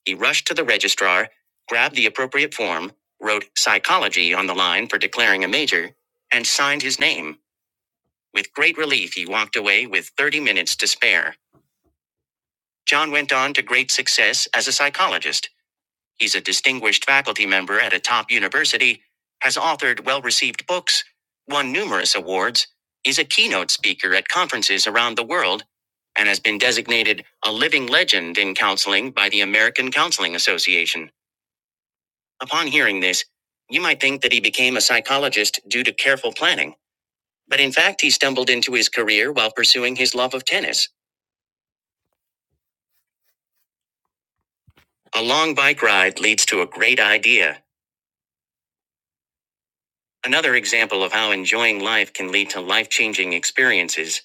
He rushed to the registrar, grabbed the appropriate form, wrote psychology on the line for declaring a major, and signed his name. With great relief, he walked away with 30 minutes to spare. John went on to great success as a psychologist. He's a distinguished faculty member at a top university, has authored well received books, won numerous awards, is a keynote speaker at conferences around the world, and has been designated a living legend in counseling by the American Counseling Association. Upon hearing this, you might think that he became a psychologist due to careful planning, but in fact, he stumbled into his career while pursuing his love of tennis. A long bike ride leads to a great idea Another example of how enjoying life can lead to life changing experiences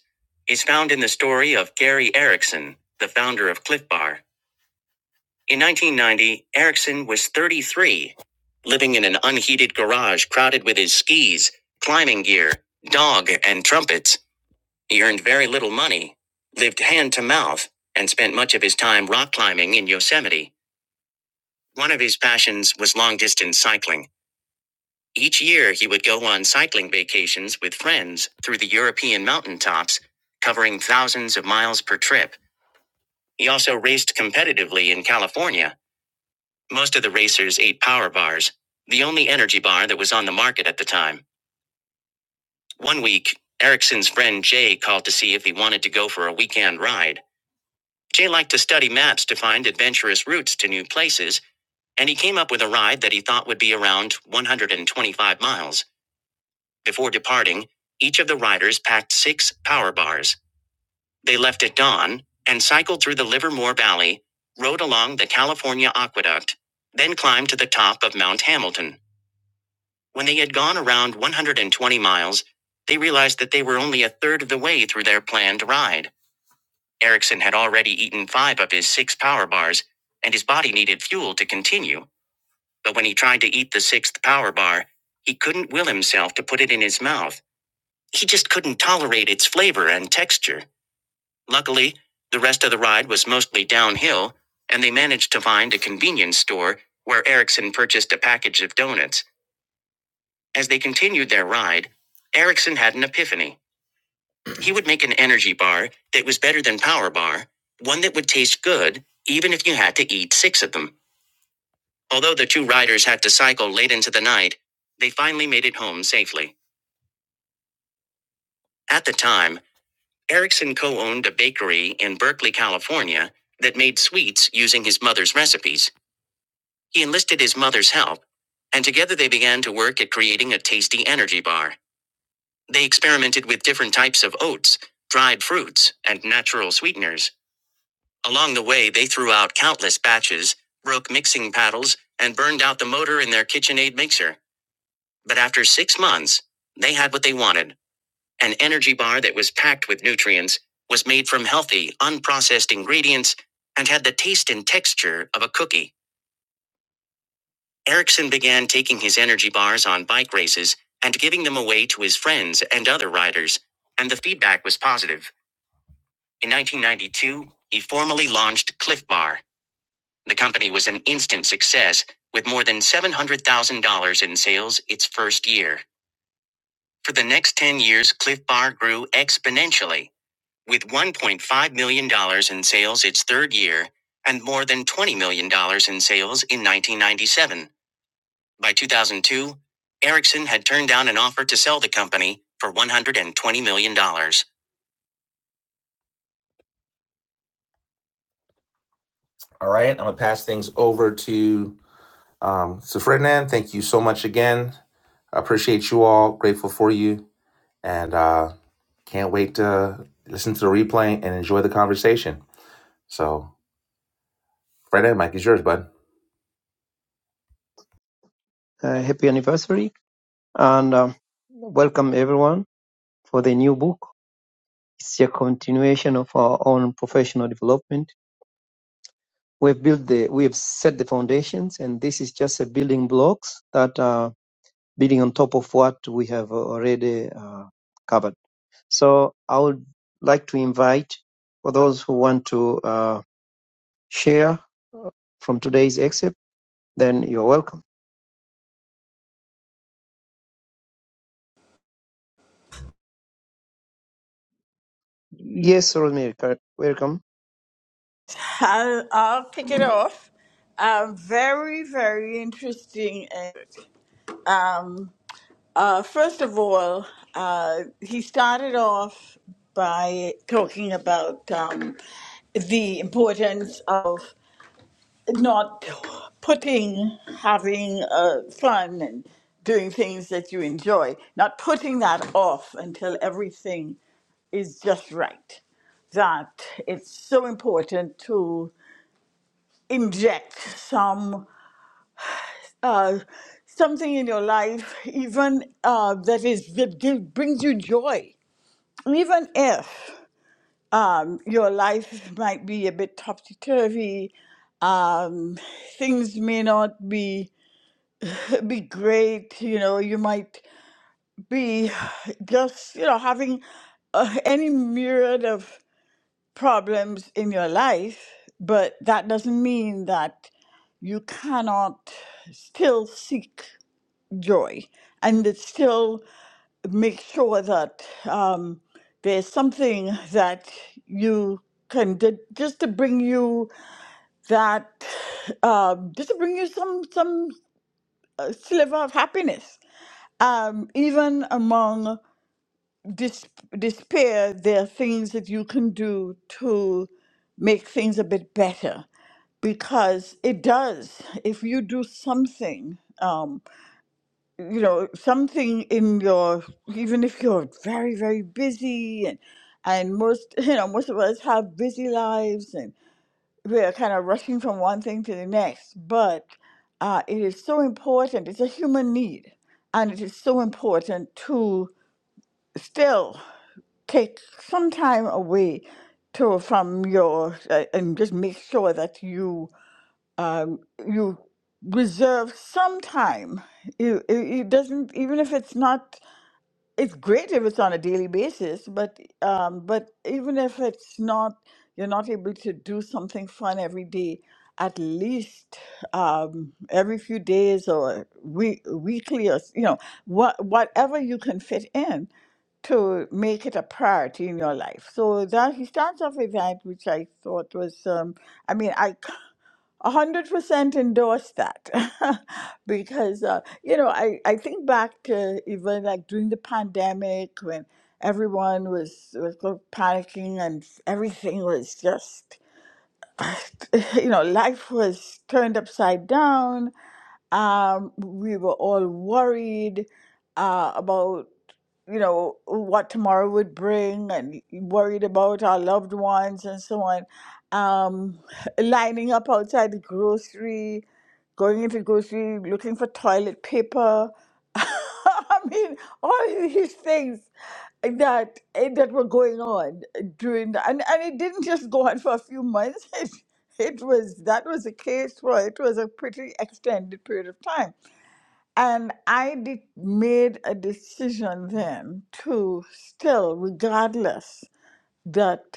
is found in the story of Gary Erickson, the founder of Cliff Bar. In 1990, Erickson was 33, living in an unheated garage crowded with his skis, climbing gear, dog, and trumpets. He earned very little money, lived hand to mouth, and spent much of his time rock climbing in Yosemite. One of his passions was long distance cycling. Each year, he would go on cycling vacations with friends through the European mountaintops, covering thousands of miles per trip. He also raced competitively in California. Most of the racers ate power bars, the only energy bar that was on the market at the time. One week, Erickson's friend Jay called to see if he wanted to go for a weekend ride. Jay liked to study maps to find adventurous routes to new places, and he came up with a ride that he thought would be around 125 miles. Before departing, each of the riders packed six power bars. They left at dawn and cycled through the Livermore Valley, rode along the California Aqueduct, then climbed to the top of Mount Hamilton. When they had gone around 120 miles, they realized that they were only a third of the way through their planned ride. Erickson had already eaten five of his six power bars, and his body needed fuel to continue. But when he tried to eat the sixth power bar, he couldn't will himself to put it in his mouth She just couldn't tolerate its flavor and texture. Luckily, the rest of the ride was mostly downhill, and they managed to find a convenience store where Erickson purchased a package of donuts. As they continued their ride, Erickson had an epiphany. He would make an energy bar that was better than Power Bar, one that would taste good even if you had to eat six of them. Although the two riders had to cycle late into the night, they finally made it home safely. At the time, Erickson co owned a bakery in Berkeley, California, that made sweets using his mother's recipes. He enlisted his mother's help, and together they began to work at creating a tasty energy bar. They experimented with different types of oats, dried fruits, and natural sweeteners. Along the way, they threw out countless batches, broke mixing paddles, and burned out the motor in their KitchenAid mixer. But after six months, they had what they wanted An energy bar that was packed with nutrients, was made from healthy, unprocessed ingredients, and had the taste and texture of a cookie. Erickson began taking his energy bars on bike races and giving them away to his friends and other riders, and the feedback was positive. In 1992, he formally launched Cliff Bar. The company was an instant success, with more than $700,000 in sales its first year. For the next 10 years, Cliff Bar grew exponentially With $1.5 million dollars in sales its third year and more than $20 million dollars in sales in 1997, by 2002, Ericsson had turned down an offer to sell the company for $120 million. dollars. All right, I'm going to pass things over to um, so Ferdinand. Thank you so much again. I appreciate you all. Grateful for you. And uh, can't wait to listen to the replay and enjoy the conversation. So, Ferdinand, Mike is yours, bud.
Uh, happy anniversary and um, welcome everyone for the new book. It's a continuation of our own professional development. We've built the we've set the foundations and this is just a building blocks that are building on top of what we have already uh, covered. So I would like to invite for those who want to uh, share from today's excerpt, then you're welcome. Yes, Rosemary, cor- welcome.
I'll, I'll kick it off. Um, very, very interesting. and, Um, uh, first of all, uh, he started off by talking about um, the importance of not putting having uh, fun and doing things that you enjoy, not putting that off until everything is just right. That it's so important to inject some uh, something in your life, even uh, that is that give, brings you joy even if um, your life might be a bit topsy turvy um, things may not be be great. You know, you might be just you know having uh, any myriad of problems in your life, but that doesn't mean that you cannot still seek joy and it still make sure that um, there's something that you can d- just to bring you that um, just to bring you some some sliver of happiness. Um, even among dis- despair, there are things that you can do to make things a bit better because it does. If you do something, um, you know, something in your, even if you're very, very busy and and most, you know, most of us have busy lives we are kind of rushing from one thing to the next, but uh, it is so important. It's a human need, and it is so important to still take some time away to from your uh, and just make sure that you um, you reserve some time. You, it, it doesn't even if it's not it's great if it's on a daily basis, but um, but even if it's not, you're not able to do something fun every day. At least um, every few days or week, weekly, or s- you know, what whatever you can fit in to make it a priority in your life. So that he starts off with that, which I thought was. Um, I mean, I a hundred percent endorse that because uh, you know I, I think back to even like during the pandemic when everyone was was go- panicking and everything was just you know life was turned upside down um, we were all worried uh, about, you know, what tomorrow would bring and worried about our loved ones and so on. Um, lining up outside the grocery, going into grocery, looking for toilet paper. I mean, all of these things that eh, that were going on during the, and and it didn't just go on for a few months it it was that was a case for it was a pretty extended period of time and i did, made a decision then to still regardless that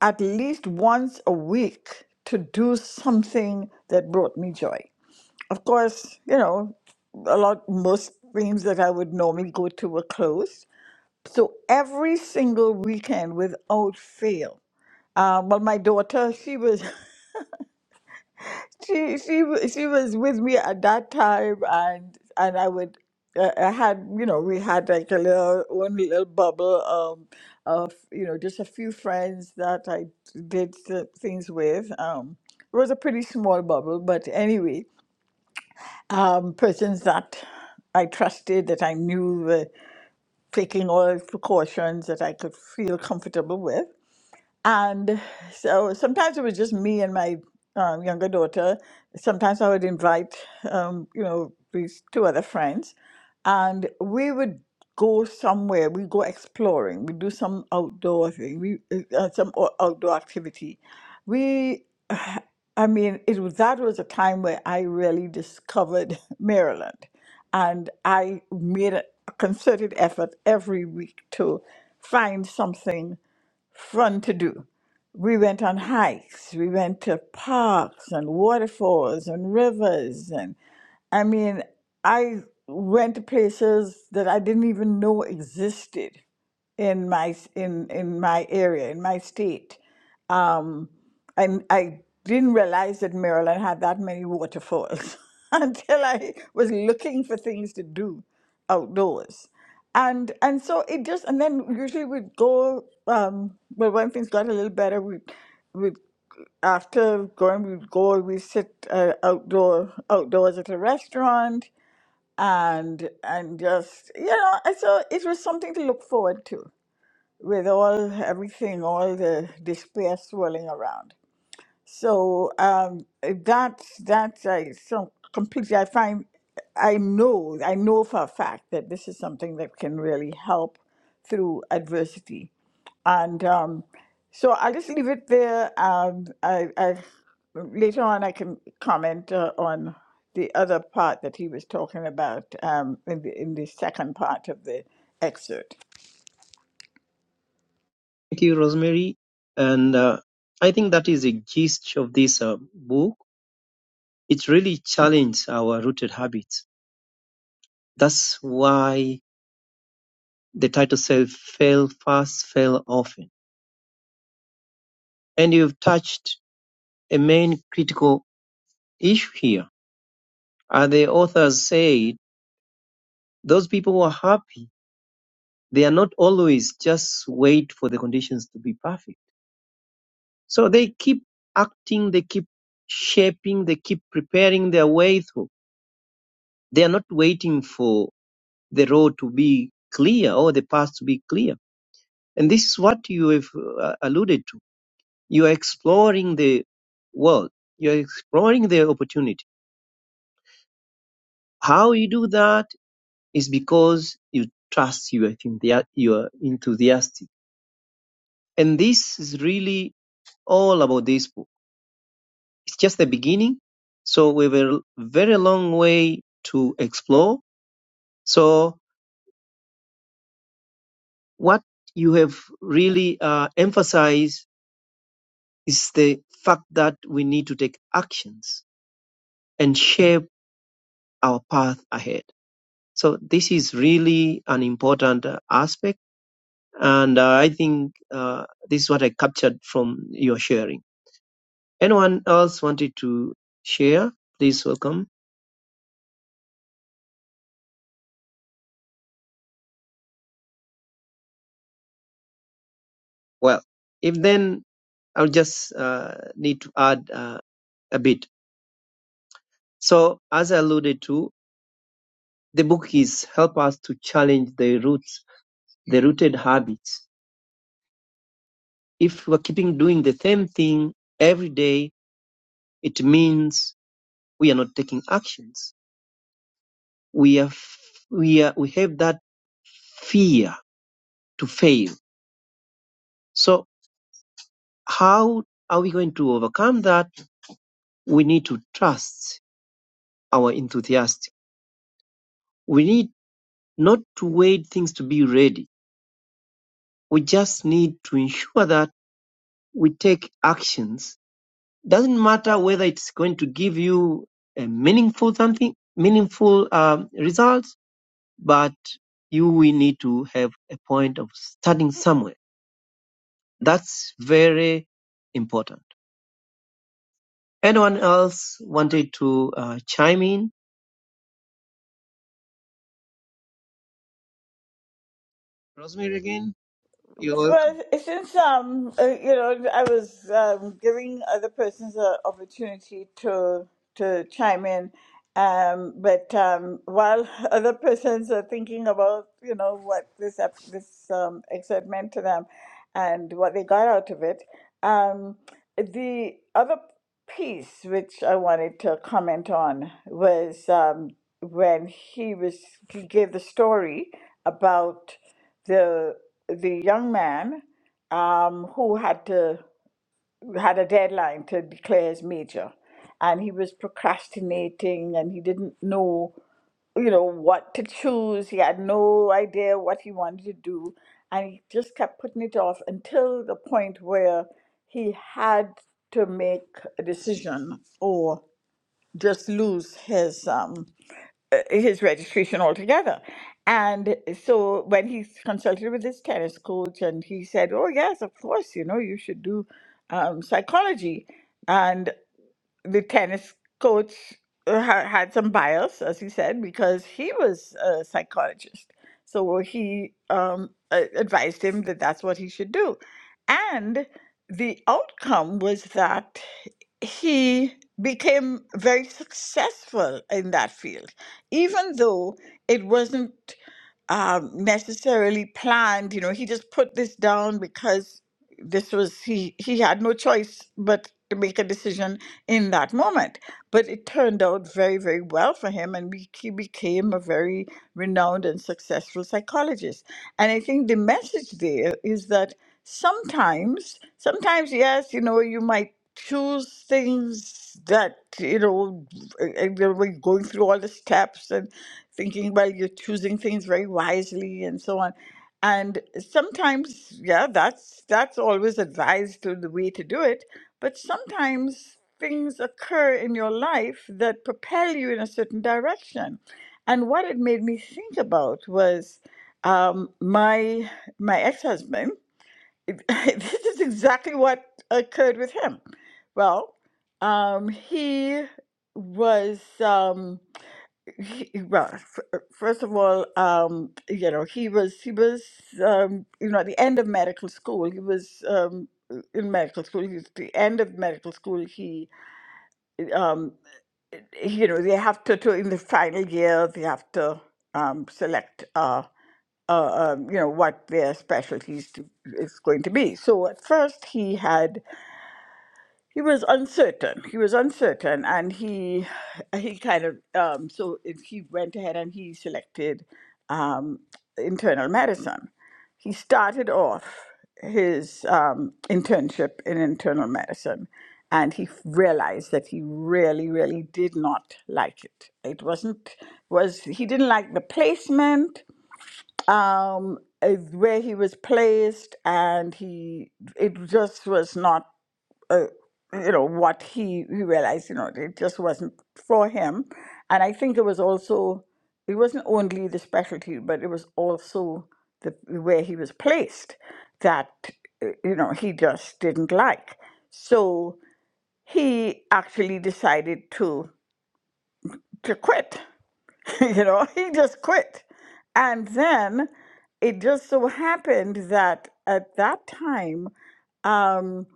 at least once a week to do something that brought me joy of course you know a lot most things that i would normally go to were closed so every single weekend without fail. Uh, but my daughter, she was she she wa- she was with me at that time, and and I would uh, I had you know we had like a little one little bubble um of you know just a few friends that I did th- things with. Um, it was a pretty small bubble, but anyway, um, persons that I trusted that I knew were taking all precautions that I could feel comfortable with And so sometimes it was just me and my um, younger daughter. Sometimes I would invite, um, you know, these two other friends, and we would go somewhere. We go exploring. We do some outdoor thing. We uh, uh, some o- outdoor activity. We, I mean, it was that was a time where I really discovered Maryland, and I made a concerted effort every week to find something fun to do. We went on hikes, we went to parks and waterfalls and rivers and I mean, I went to places that I didn't even know existed in my s- in in my area, in my state. Um, and I didn't realize that Maryland had that many waterfalls until I was looking for things to do outdoors and and so it just and then usually we'd go um but when things got a little better we we after going we'd go we sit uh, outdoor outdoors at a restaurant and and just you know and so it was something to look forward to with all everything all the despair swirling around so um, eh, that's that's I some completely. I find I know I know for a fact that this is something that can really help through adversity, and um, so I'll just leave it there. Um, I, I later on I can comment uh, on the other part that he was talking about um, in the in the second part of the excerpt.
Thank you, Rosemary. And uh, I think that is the gist of this uh, book. It really challenged our rooted habits. That's why the title says fail fast, fail often. And you've touched a main critical issue here. As the authors say, those people were happy They are not always just wait for the conditions to be perfect. So they keep acting, they keep shaping, they keep preparing their way through. They are not waiting for the road to be clear or the path to be clear. And this is what you have uh, alluded to. You are exploring the world. You are exploring the opportunity. How you do that is because you trust you are enthusi- you are enthusiastic. And this is really all about this book it's just the beginning. So we have a very long way to explore. So what you have really uh, emphasized is the fact that we need to take actions and shape our path ahead. So this is really an important uh, aspect. And uh, I think uh, this is what I captured from your sharing. Anyone else wanted to share? Please welcome. Well, if then I'll just uh, need to add. uh, a bit. So as I alluded to, the book is help us to challenge the roots, the rooted habits. If we're keeping doing the same thing every day, it means we are not taking actions. We are, we are, we have that fear to fail. So how are we going to overcome that? We need to trust our enthusiasm. We need not to wait things to be ready. We just need to ensure that we take actions doesn't matter whether it's going to give you a meaningful something, meaningful um, results, but you will need to have a point of starting somewhere. That's very important. Anyone else wanted to uh, chime in? Rosemary again, you're welcome.
Well, since um, uh, you know, I was um, giving other persons an opportunity to to chime in, um, but um, while other persons are thinking about you know what this ep- this um, excerpt meant to them, and what they got out of it, um, the other piece which I wanted to comment on was um, when he was he gave the story about. the the young man um, who had to had a deadline to declare his major, and he was procrastinating, and he didn't know, you know, what to choose. He had no idea what he wanted to do, and he just kept putting it off until the point where he had to make a decision or just lose his um, uh, his registration altogether. And so when he consulted with his tennis coach, and he said, "Oh yes, of course, you know you should do um, psychology." And the tennis coach uh, ha- had some bias, as he said, because he was a psychologist. So he um, a- advised him that that's what he should do, and the outcome was that he became very successful in that field, even though it wasn't um, necessarily planned. You know, he just put this down because this was he he had no choice but to make a decision in that moment. But it turned out very very well for him, and be- he became a very renowned and successful psychologist. And I think the message there is that sometimes, sometimes yes, you know, you might choose things that you know and we are going through all the steps and thinking well you're choosing things very wisely and so on and sometimes yeah that's that's always advised to the way to do it but sometimes things occur in your life that propel you in a certain direction and what it made me think about was um, my my ex-husband this is exactly what occurred with him. Well, um, he was um, he, well. F- first of all, um, you know, he was he was um, you know at the end of medical school. He was um, in medical school. He was at the end of medical school. He um, you know they have to, to in the final year they have to um, select. Uh, uh, um, you know what their specialties to, is going to be. So at first he had he was uncertain. He was uncertain, and he he kind of um, so if he went ahead and he selected um, internal medicine. He started off his um, internship in internal medicine, and he realized that he really, really did not like it. It wasn't was he didn't like the placement um, is where he was placed, and he it just was not, uh, you know, what he he realized. You know, it just wasn't for him, and I think it was also it wasn't only the specialty, but it was also the where he was placed that uh, you know he just didn't like. So he actually decided to to quit you know, he just quit. And then it just so happened that at that time, um,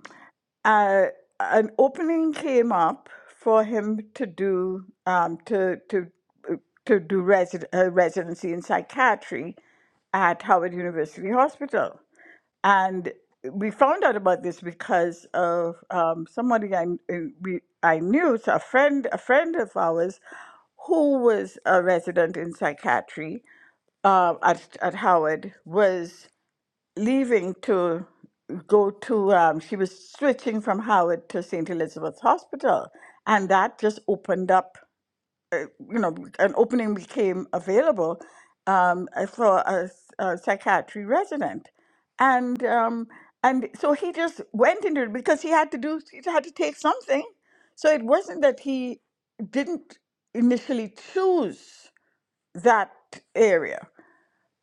uh, an opening came up for him to do um, to to uh, to do resi- uh, residency in psychiatry at Howard University Hospital and we found out about this because of um, somebody I uh, we, I knew, so a friend a friend of ours, who was a resident in psychiatry uh, at at Howard, was leaving to go to. Um, she was switching from Howard to Saint Elizabeth's Hospital, and that just opened up you know, an opening became available um, uh, for a, s- a psychiatry resident, and um, and so he just went into it because he had to do he had to take something. So it wasn't that he didn't initially choose that area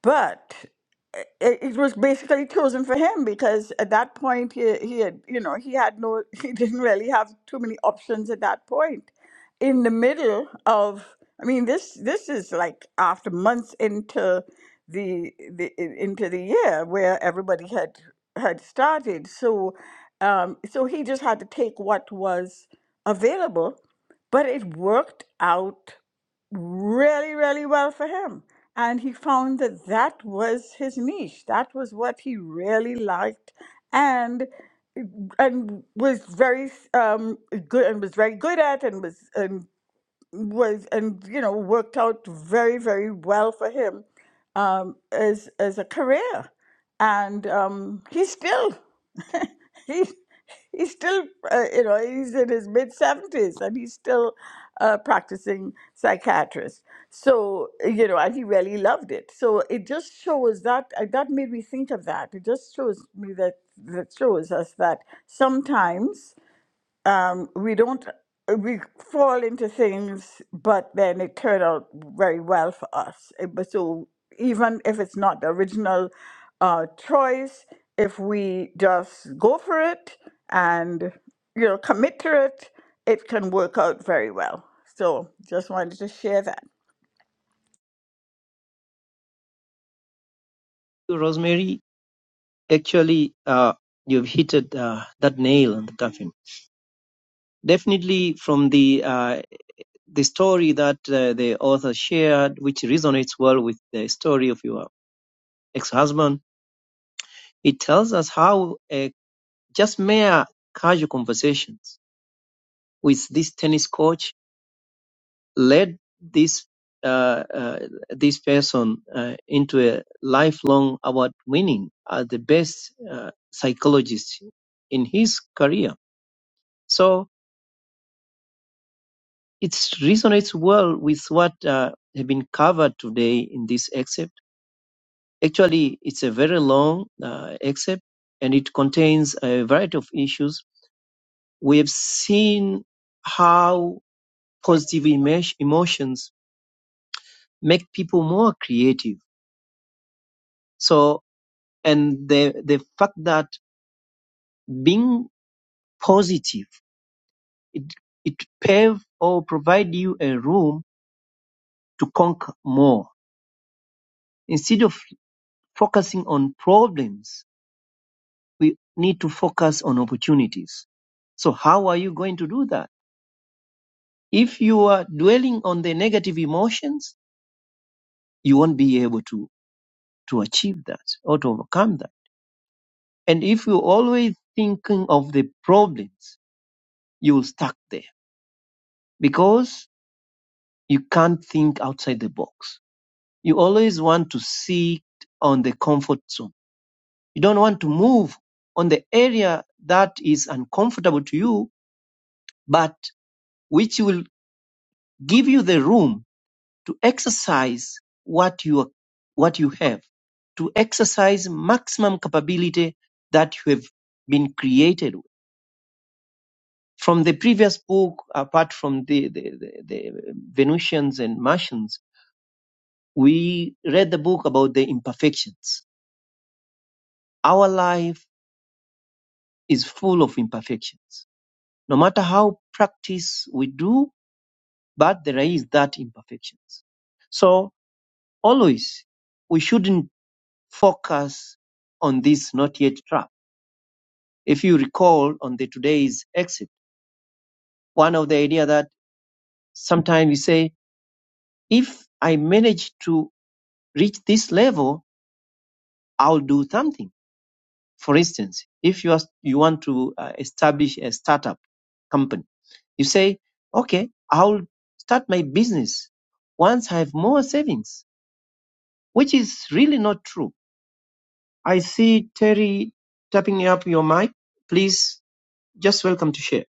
but it, it was basically chosen for him because at that point he, he had you know he had no he didn't really have too many options at that point in the middle of i mean this this is like after months into the, the i- into the year where everybody had had started so um so he just had to take what was available but it worked out really, really well for him. And he found that that was his niche. That was what he really liked, and and was very um, good and was very good at, and was and was and you know worked out very very well for him um, as as a career, and um, he's still he's he's still uh, you know he's in his mid seventies and he's still a practicing psychiatrist. So you know, and he really loved it. So it just shows that uh, that made me think of that. It just shows me that that shows us that sometimes um, we don't we fall into things, but then it turned out very well for us. Eh, But so even if it's not the original uh, choice, if we just go for it and you know commit to it, it can work out very well. So just wanted to share that.
Rosemary, actually, uh, you've hit uh, that nail on the coffin. Definitely from the uh, the story that uh, the author shared, which resonates well with the story of your ex-husband, it tells us how a just mere casual conversations with this tennis coach led this uh, uh, this person uh, into a lifelong award winning uh, the best uh, psychologist in his career. So it resonates well with what uh, has been covered today in this excerpt. Actually, it's a very long uh, excerpt and it contains a variety of issues We've seen how positive emo- emotions make people more creative. So, and the, the fact that being positive, it, it pave or provide you a room to conquer more. Instead of focusing on problems, we need to focus on opportunities. So how are you going to do that? If you are dwelling on the negative emotions, you won't be able to, to achieve that or to overcome that. And if you're always thinking of the problems, you'll stuck there because you can't think outside the box. You always want to sit on the comfort zone. You don't want to move on the area that is uncomfortable to you, but which will give you the room to exercise what you, what you have, to exercise maximum capability that you have been created with. from the previous book, apart from the, the, the, the Venusians and Martians, we read the book about the imperfections. Our life is full of imperfections. No matter how practice we do, but there is that imperfections. So always we shouldn't focus on this not yet trap. If you recall on the today's exit, one of the idea that sometimes we say, if I manage to reach this level, I'll do something. For instance, if you are, you want to uh, establish a startup company, you say, okay, I'll start my business once I have more savings, which is really not true. I see Terry tapping up your mic. Please just welcome to share.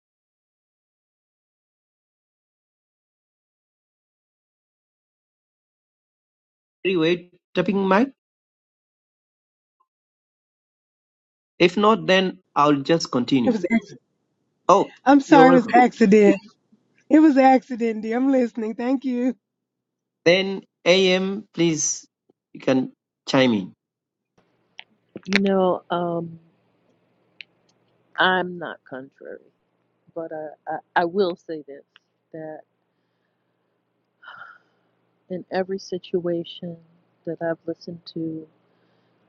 Terry, wait, tapping mic? If not, then I'll just
It
continue.
was. an accident.
Oh,
I'm
you're
sorry, it was an
welcome.
accident. It was an accident, dear. I'm listening. Thank you.
Then AM, please, you can chime in.
You know, um, I'm not contrary, but I, I, I will say this that in every situation that I've listened to,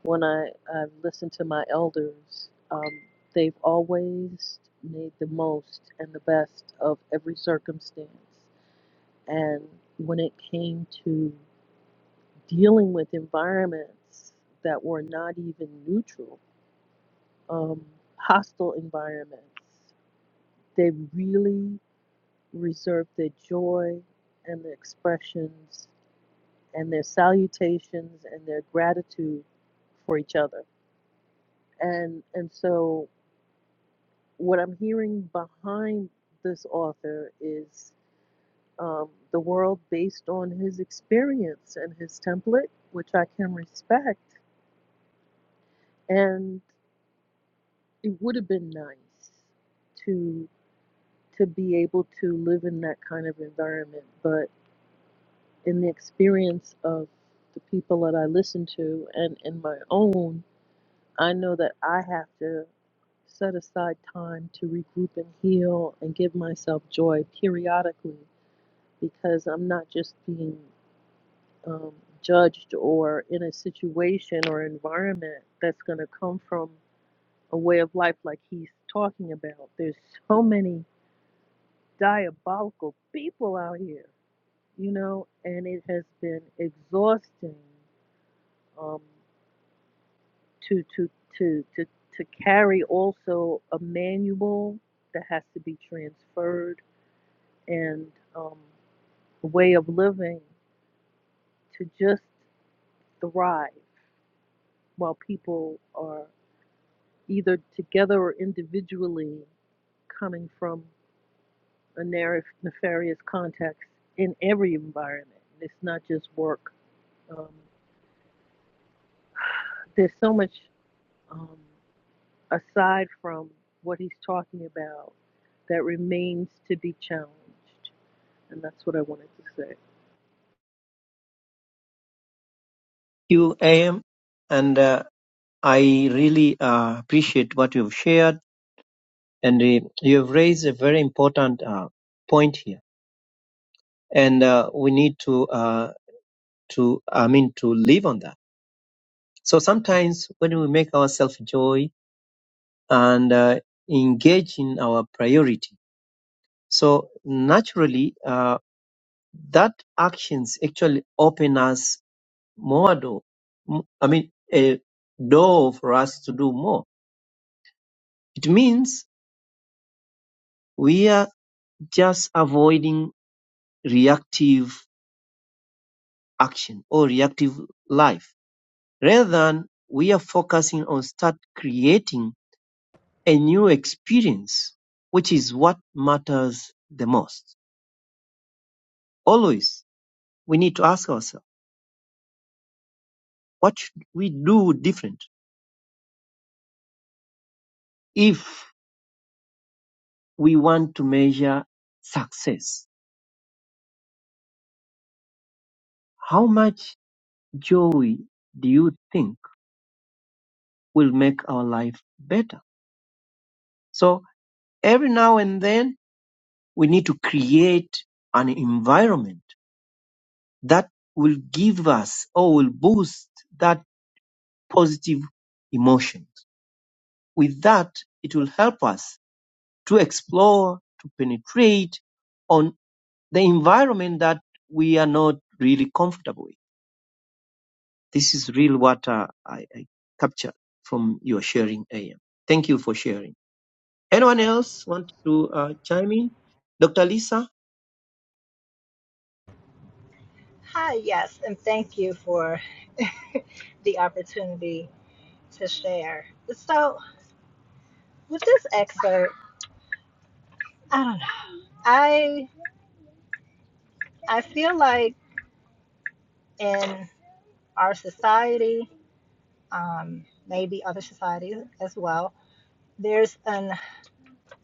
when I, I've listened to my elders, um, they've always made the most and the best of every circumstance And when it came to dealing with environments that were not even neutral, um, hostile environments, they really reserved their joy and their expressions and their salutations and their gratitude for each other. And and so what I'm hearing behind this author is um, the world based on his experience and his template, which I can respect And it would have been nice to to be able to live in that kind of environment, but in the experience of the people that I listen to and in my own, I know that I have to set aside time to regroup and heal and give myself joy periodically because I'm not just being um, judged or in a situation or environment that's going to come from a way of life like he's talking about. There's so many diabolical people out here, you know, and it has been exhausting um, to to to to to carry also a manual that has to be transferred and um, a way of living to just thrive while people are either together or individually coming from A nefar- nefarious context in every environment. It's not just work. Um, there's so much um, aside from what he's talking about that remains to be challenged, and that's what I wanted to say.
You AM, and uh, I really uh, appreciate what you've shared, and uh, you've raised a very important uh, point here, and uh, we need to uh, to I mean to live on that. So sometimes when we make ourselves joy and uh, engage in our priority, so naturally uh, that actions actually open us more door. m- I mean a door for us to do more. It means we are just avoiding reactive action or reactive life. Rather than we are focusing on start creating a new experience, which is what matters the most. Always we need to ask ourselves, what should we do different if we want to measure success? How much joy do you think will make our life better? So every now and then we need to create an environment that will give us or will boost that positive emotion. With that, it will help us to explore, to penetrate on the environment that we are not really comfortable with. This is really what uh, I, I captured from your sharing, AM. Thank you for sharing. Anyone else want to uh, chime in? Dr. Lisa?
Hi, yes, and thank you for the opportunity to share. So, with this excerpt, I don't know. I I feel like in our society, um, maybe other societies as well, there's an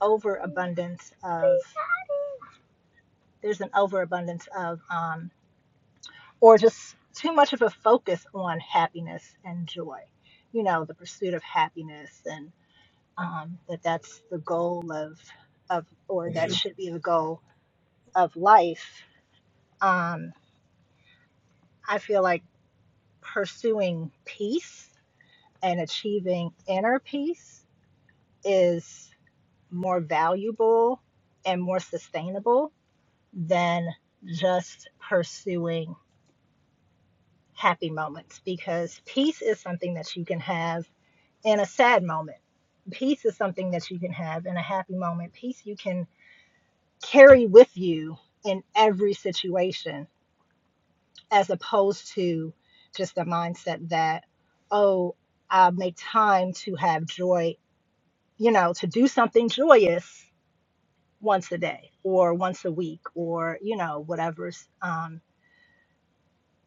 overabundance of there's an overabundance of um, or just too much of a focus on happiness and joy. You know, the pursuit of happiness and um, that that's the goal of of or that should be the goal of life um, i feel like pursuing peace and achieving inner peace is more valuable and more sustainable than just pursuing happy moments because peace is something that you can have in a sad moment peace is something that you can have in a happy moment peace you can carry with you in every situation, as opposed to just the mindset that, oh, I'll make time to have joy, you know, to do something joyous once a day or once a week or, you know, whatever's um,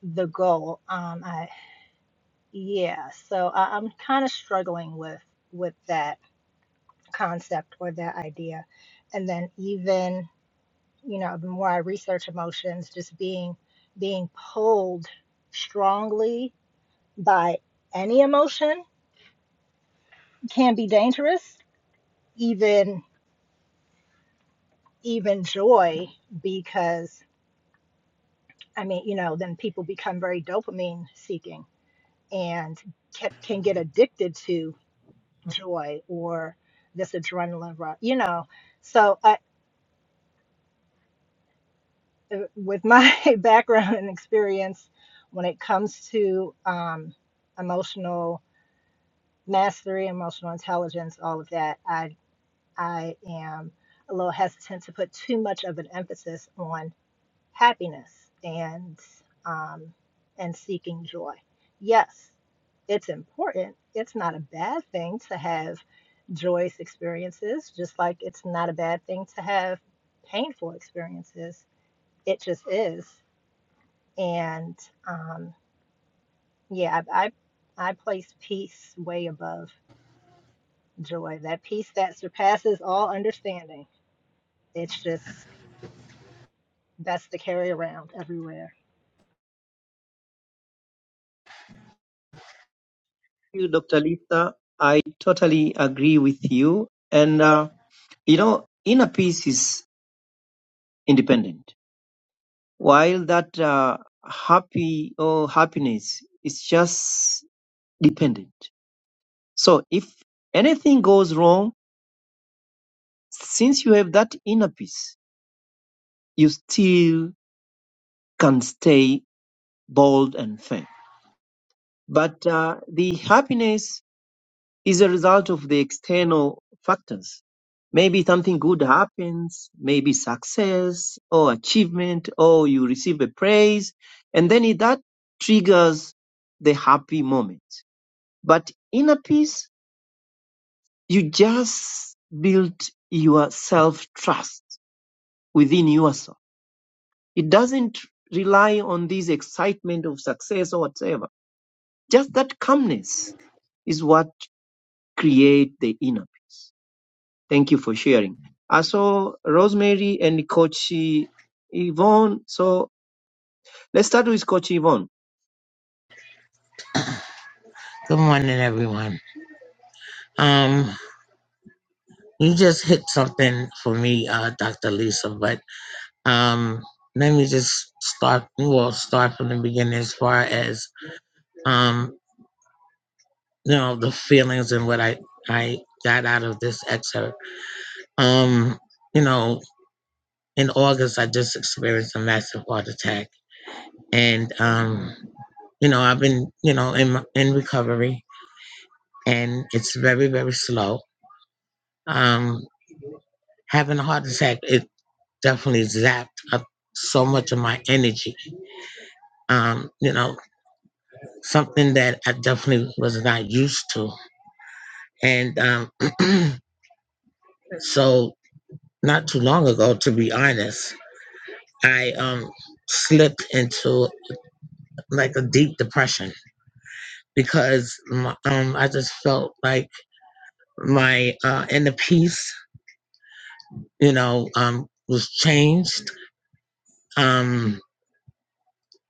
the goal. Um, I, yeah, so I, I'm kind of struggling with with that concept or that idea. And then even you know the more i research emotions just being being pulled strongly by any emotion can be dangerous even even joy because i mean you know then people become very dopamine seeking and can, can get addicted to joy or this adrenaline rush you know so i uh, with my background and experience when it comes to um, emotional mastery, emotional intelligence, all of that. I I am a little hesitant to put too much of an emphasis on happiness and um, and seeking joy. Yes, it's important. It's not a bad thing to have joyous experiences, just like it's not a bad thing to have painful experiences. It just is. And um, yeah, I, I I place peace way above. joy, that peace that surpasses all understanding. It's just best to carry around everywhere.
Thank you, Dr. Lisa. I totally agree with you. And uh, You know, inner peace is independent, while that uh, happy or happiness is just dependent. So if anything goes wrong, since you have that inner peace, you still can stay bold and firm. But uh, the happiness is a result of the external factors. Maybe something good happens, maybe success or achievement, or you receive a praise, and then it- that triggers the happy moment. But inner peace, you just build your self trust within yourself. It doesn't rely on this excitement of success or whatever. Just that calmness is what create the inner peace. Thank you for sharing. I saw Rosemary and Coach Yvonne. So let's start with Coach Yvonne.
Good morning, everyone. Um, you just hit something for me, uh, Dr. Lisa, but um, let me just start. Well, start from the beginning as far as um, you know the feelings and what I I got out of this excerpt. Um, you know, in August, I just experienced a massive heart attack, and um, you know, I've been you know in my- in recovery, and it's very very slow. Um, having a heart attack. it definitely zapped up so much of my energy. Um, you know, something that I definitely was not used to. And um, so, not too long ago, to be honest, I um, slipped into like a deep depression because my, um, I just felt like my uh, inner peace, you know, um, was changed. Um,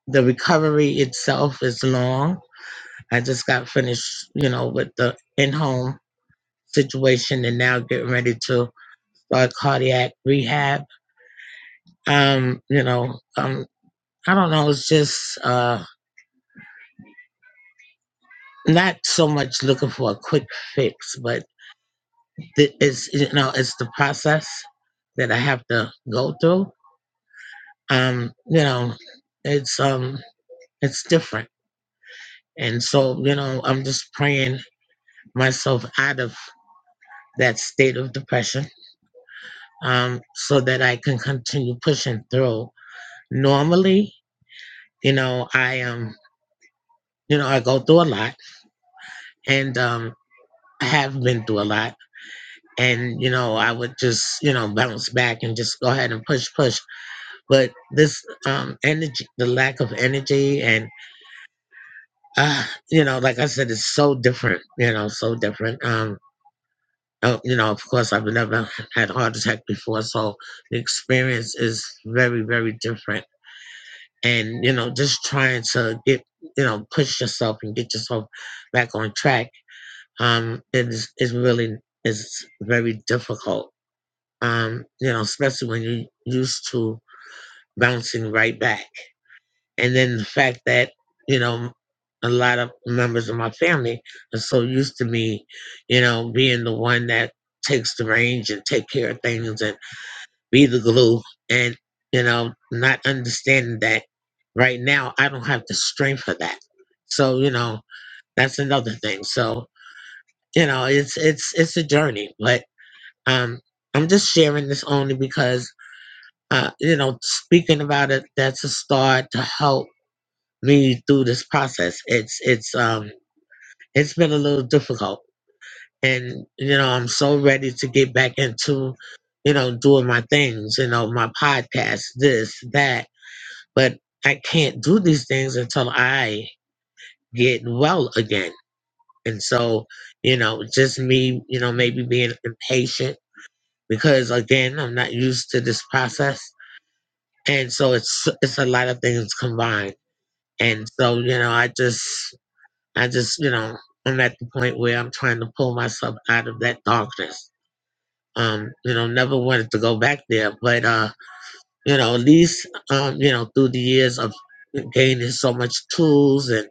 the recovery itself is long. I just got finished, you know, with the in home situation and now getting ready to start cardiac rehab. Um, you know, um, I don't know. It's just uh, not so much looking for a quick fix, but it's you know, it's the process that I have to go through. Um, you know, it's um, it's different, and so you know, I'm just praying myself out of that state of depression, um, so that I can continue pushing through. Normally, you know, I am. You know, I go through a lot and um, I have been through a lot. And, you know, I would just, you know, bounce back and just go ahead and push, push. But this um, energy, the lack of energy, and, uh, you know, like I said, it's so different, you know, so different. Um, oh, you know, of course, I've never had a heart attack before. So the experience is very, very different. And, you know, just trying to get, you know, push yourself and get yourself back on track um, is is really is very difficult. Um, you know, especially when you're used to bouncing right back, and then the fact that you know a lot of members of my family are so used to me, you know, being the one that takes the range and take care of things and be the glue, and you know, not understanding that right now I don't have the strength for that. So you know, that's another thing. So you know, it's it's it's a journey, but Um, I'm just sharing this only because, uh, you know, speaking about it, that's a start to help me through this process. It's, it's, um, it's been a little difficult and, you know, I'm so ready to get back into, you know, doing my things, you know, my podcast, this, that, but I can't do these things until I get well again. And so, you know, just me, you know, maybe being impatient because again, I'm not used to this process and so it's it's a lot of things combined and so you know i just i just you know i'm at the point where i'm trying to pull myself out of that darkness um you know never wanted to go back there but uh you know at least um you know through the years of gaining so much tools and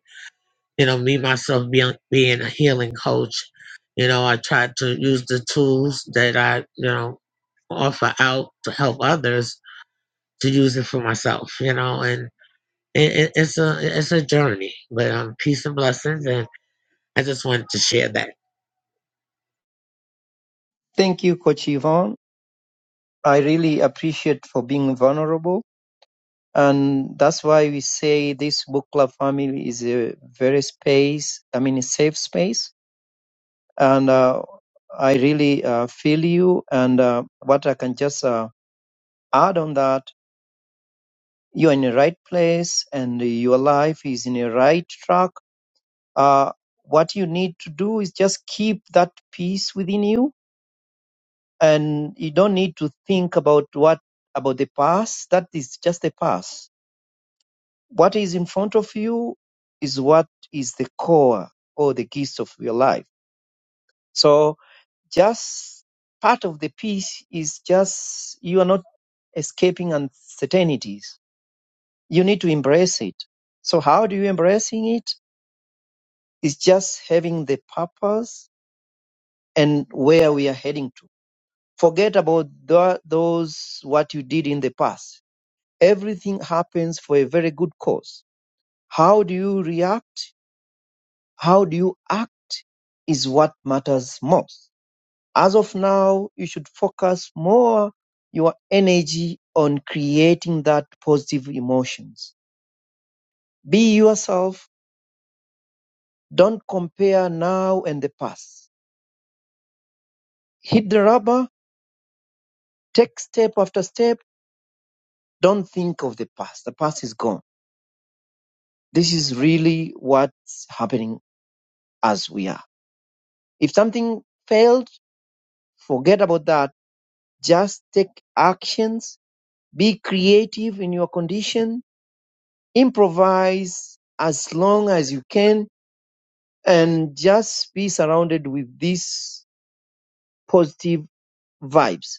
you know me myself being being a healing coach you know i tried to use the tools that i you know offer out to help others to use it for myself you know and it, it, it's a it's a journey, but um, peace and blessings, and I just wanted to share that
Thank you, Coach Yvonne. I really appreciate for being vulnerable. And that's why we say this book club family is a very space, I mean, a safe space. And uh, I really uh, feel you. And uh, what I can just uh, add on that, you're in the right place and your life is in the right track uh, what you need to do is just keep that peace within you and you don't need to think about what about the past that is just the past what is in front of you is what is the core or the gist of your life so just part of the peace is just you are not escaping uncertainties you need to embrace it so how do you embracing it is just having the purpose and where we are heading to Forget about tho- those what you did in the past. Everything happens for a very good cause. How do you react? How do you act is what matters most. As of now, you should focus more your energy on creating that positive emotions. Be yourself. Don't compare now and the past. Hit the rubber. Take step after step. Don't think of the past. The past is gone this is really what's happening as we are. If something failed, forget about that. Just take actions, be creative in your condition, improvise as long as you can, and just be surrounded with these positive vibes.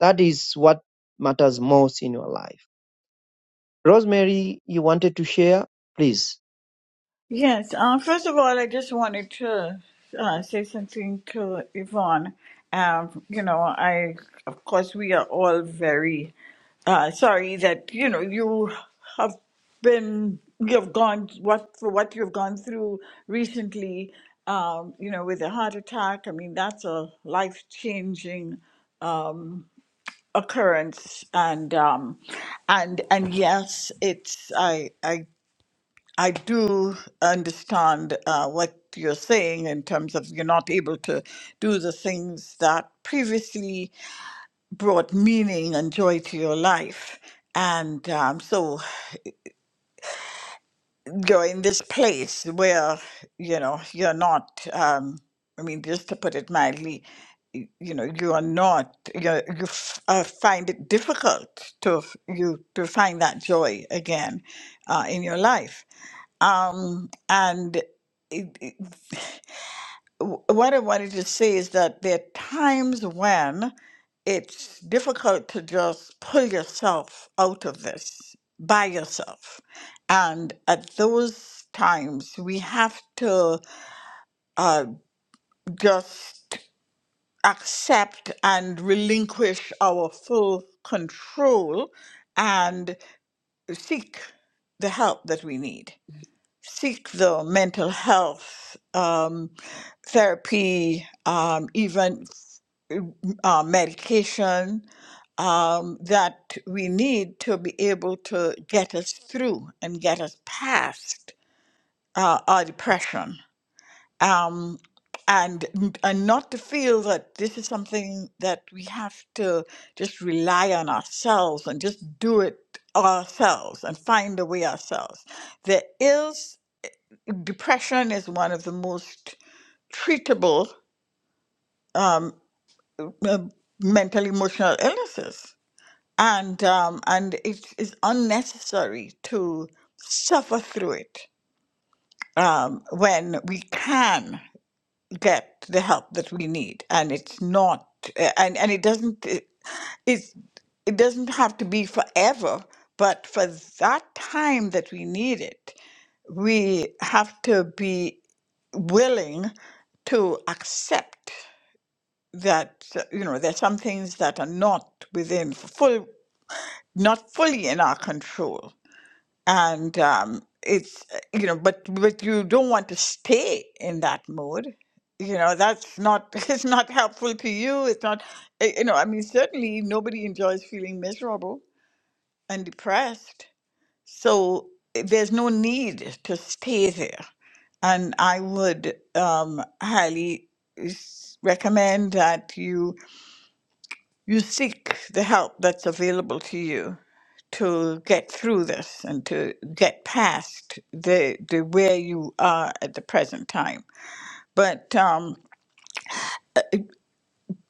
That is what matters most in your life. Rosemary, you wanted to share? Please.
Yes. Uh, first of all, I just wanted to uh, say something to Yvonne. Um, you know, I, of course, we are all very uh, sorry that, you know, you have been, you've gone, what, for what you've gone through recently, um, you know, with a heart attack. I mean, that's a life changing occurrence and um and and yes it's i i I do understand uh, what you're saying in terms of you're not able to do the things that previously brought meaning and joy to your life. And um, so you're in this place where, you know, you're not, um, I mean, just to put it mildly, y- you know, you are not, you're, you f- uh, find it difficult to, f- you, to find that joy again uh, in your life. Um, and w- what I wanted to say is that there are times when it's difficult to just pull yourself out of this by yourself. And at those times, we have to uh, just accept and relinquish our full control and seek the help that we need seek the mental health um, therapy, um, even uh, medication um, that we need to be able to get us through and get us past uh, our depression. Um, and, and not to feel that this is something that we have to just rely on ourselves and just do it ourselves and find a way ourselves. There is depression is one of the most treatable um, uh, mental emotional illnesses and um, and it is unnecessary to suffer through it um, when we can get the help that we need and it's not uh, and and it doesn't it, it's, it doesn't have to be forever but for that time that we need it we have to be willing to accept that uh, you know there's some things that are not within full not fully in our control and um it's uh, you know but but you don't want to stay in that mode you know that's not it's not helpful to you it's not uh, you know i mean certainly nobody enjoys feeling miserable and depressed so uh, there's no need to stay there and I would um, highly s- recommend that you you seek the help that's available to you to get through this and to get past the the where you are at the present time. But um,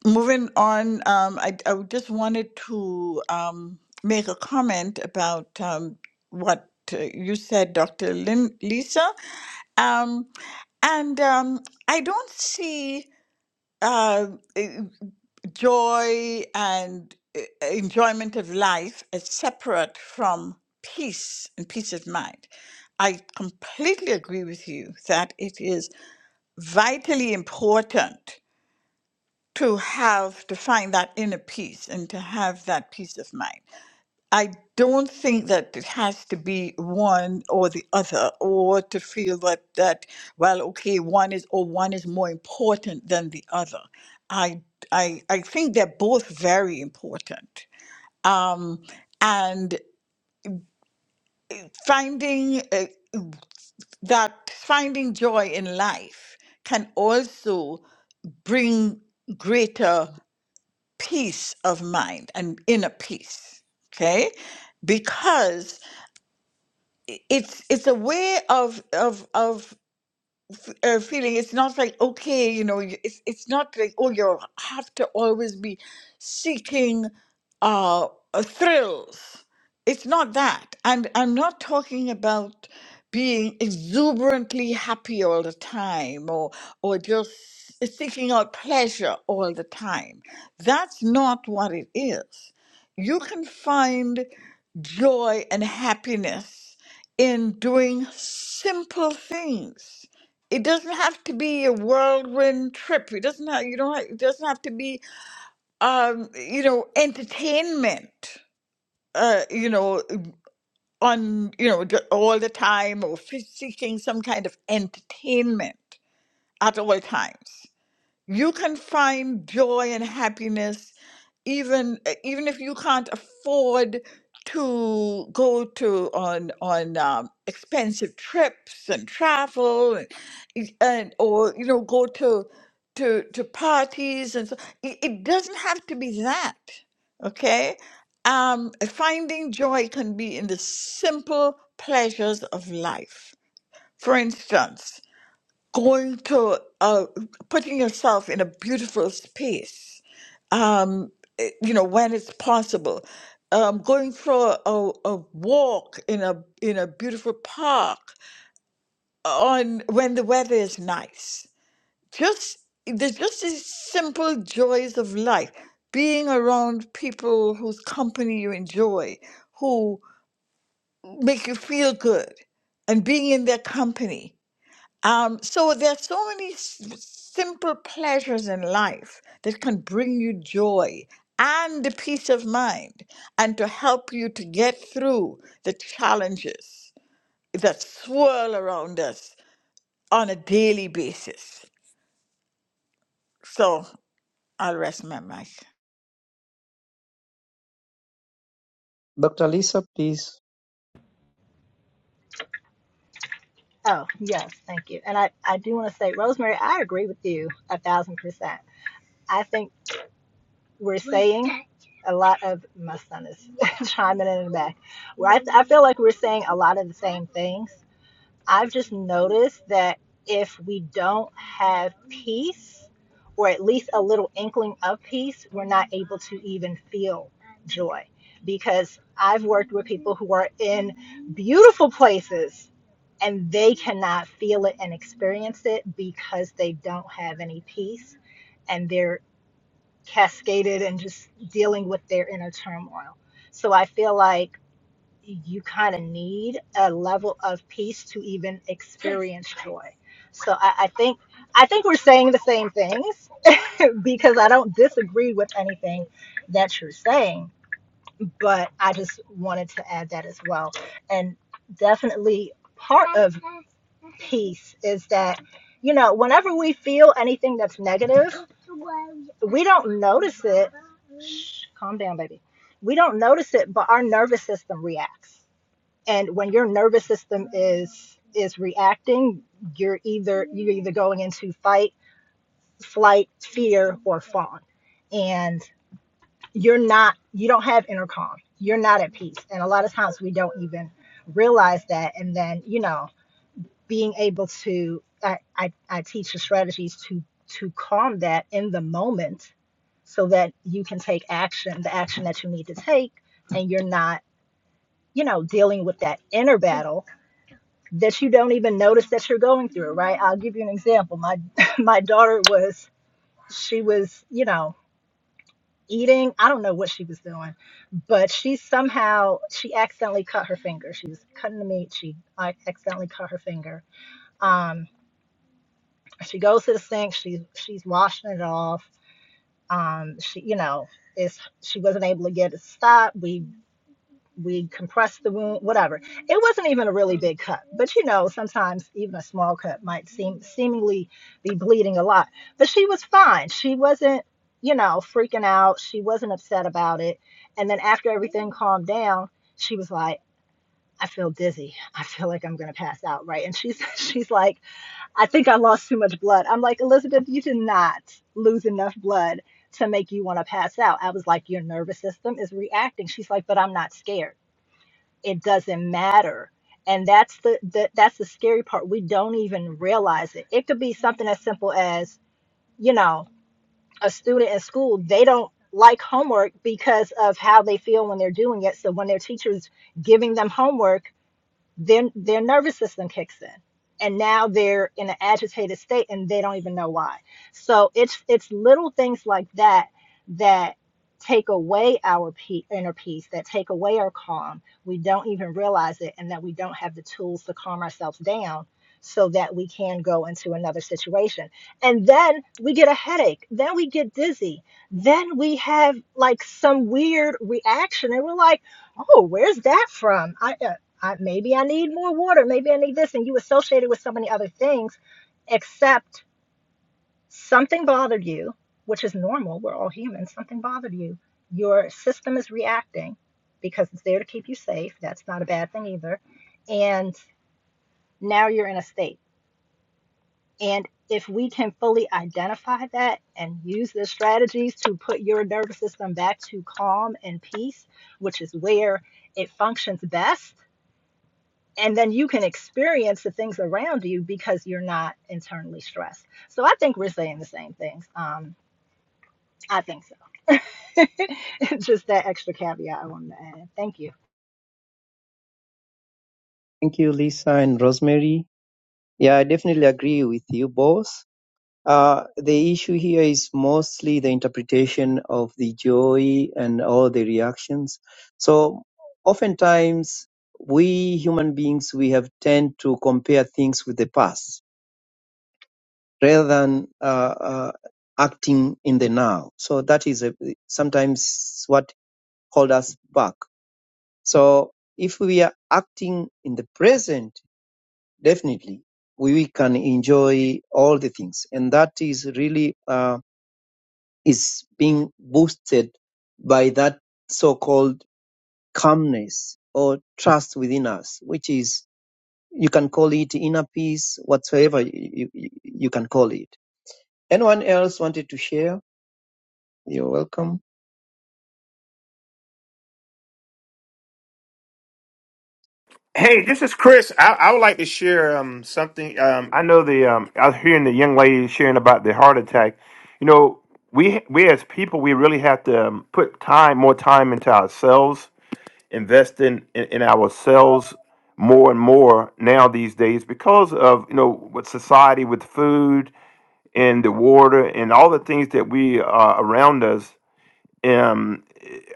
moving on, um, I, I just wanted to um, make a comment about um, what uh, you said, Dr. Lin- Lisa, um, and um, I don't see. uh, eh, joy and eh, enjoyment of life as separate from peace and peace of mind. I completely agree with you that it is vitally important to have to find that inner peace and to have that peace of mind. I don't think that it has to be one or the other, or to feel that that well, okay, one is or one is more important than the other. I I I think they're both very important, um, and finding uh, that finding joy in life can also bring greater peace of mind and inner peace. Okay, because it's it's a way of of of uh, feeling. It's not like okay, you know, you- it's it's not like oh, you have to always be seeking uh, uh, thrills. It's not that, and I'm not talking about being exuberantly happy all the time, or or just seeking out pleasure all the time. That's not what it is. You can find joy and happiness in doing simple things it doesn't have to be a whirlwind trip. It doesn't have you don't have, it doesn't have to be um you know entertainment. Uh, you know, on you know the- all the time, or f- seeking some kind of entertainment at all times. You can find joy and happiness even e, even if you can't afford to go to on on um, expensive trips and travel and, y- and or you know go to to to parties and so it, it doesn't have to be that okay um finding joy can be in the simple pleasures of life for instance going to uh, putting yourself in a beautiful space, um, eh, you know, when it's possible, um, going for a, a walk in a in a beautiful park on when the weather is nice. Just there's just these simple joys of life. Being around people whose company you enjoy, who make you feel good, and being in their company. Um, so there are so many s- simple pleasures in life that can bring you joy and the peace of mind and to help you to get through the challenges that swirl around us on a daily basis. So I'll rest my mic.
Dr. Lisa, please.
Oh, yes, thank you. And I, I do want to say, Rosemary, I agree with you a thousand percent. I think we're saying a lot of my son is chiming in in the back. Well, I, I feel like we're saying a lot of the same things, I've just noticed that if we don't have peace, or at least a little inkling of peace, we're not able to even feel joy. Because I've worked with people who are in beautiful places and they cannot feel it and experience it because they don't have any peace and they're cascaded and just dealing with their inner turmoil. So I feel like you kind of need a level of peace to even experience joy. So I, I think I think we're saying the same things because I don't disagree with anything that you're saying, but I just wanted to add that as well. And definitely part of peace is that you know whenever we feel anything that's negative, we don't notice it. Shh, calm down, baby. We don't notice it, but our nervous system reacts and when your nervous system is is reacting you're either you're either going into fight flight fear or fawn and you're not you don't have inner calm you're not at peace and a lot of times we don't even realize that and then you know being able to i i, I teach the strategies to to calm that in the moment so that you can take action the action that you need to take and you're not you know dealing with that inner battle that you don't even notice that you're going through, right? I'll give you an example. My my daughter was she was, you know, eating, I don't know what she was doing, but she somehow she accidentally cut her finger. She was cutting the meat, she like, accidentally cut her finger. Um she goes to the sink, she she's washing it off. Um she, you know, is she wasn't able to get it stopped. We we compressed the wound, whatever. It wasn't even a really big cut, but you know, sometimes even a small cut might seem seemingly be bleeding a lot. But she was fine. She wasn't, you know, freaking out. She wasn't upset about it. And then after everything calmed down, she was like, I feel dizzy. I feel like I'm gonna pass out, right? And she's she's like, I think I lost too much blood. I'm like, Elizabeth, you did not lose enough blood to make you want to pass out. I was like, your nervous system is reacting. She's like, but I'm not scared it doesn't matter and that's the, the that's the scary part we don't even realize it it could be something as simple as you know a student in school they don't like homework because of how they feel when they're doing it so when their teachers giving them homework their their nervous system kicks in and now they're in an agitated state and they don't even know why so it's it's little things like that that take away our pe- inner peace that take away our calm we don't even realize it and that we don't have the tools to calm ourselves down so that we can go into another situation and then we get a headache then we get dizzy then we have like some weird reaction and we're like oh where's that from I, uh, I, maybe I need more water. Maybe I need this. And you associate it with so many other things, except something bothered you, which is normal. We're all humans. Something bothered you. Your system is reacting because it's there to keep you safe. That's not a bad thing either. And now you're in a state. And if we can fully identify that and use the strategies to put your nervous system back to calm and peace, which is where it functions best and then you can experience the things around you because you're not internally stressed. So I think we're saying the same things. Um, I think so. Just that extra caveat I wanted to add. Thank you.
Thank you, Lisa and Rosemary. Yeah, I definitely agree with you both. Uh, the issue here is mostly the interpretation of the joy and all the reactions. So oftentimes we human beings we have tend to compare things with the past rather than uh, uh, acting in the now. So that is a, sometimes what hold us back. So if we are acting in the present, definitely we, we can enjoy all the things, and that is really. uh, is being boosted by that so-called calmness or trust within us, which is you can call it inner peace, whatsoever you, you, you can call it. Anyone else wanted to share? You're welcome.
Hey, this is Chris. I, I would like to share um, something. Um, I know the um, I was hearing the young lady sharing about the heart attack. You know, we we as people, we really have to um, put time, more time into ourselves, invest in, in in ourselves more and more now these days because of you know what society with food and the water and all the things that we are around us. Um,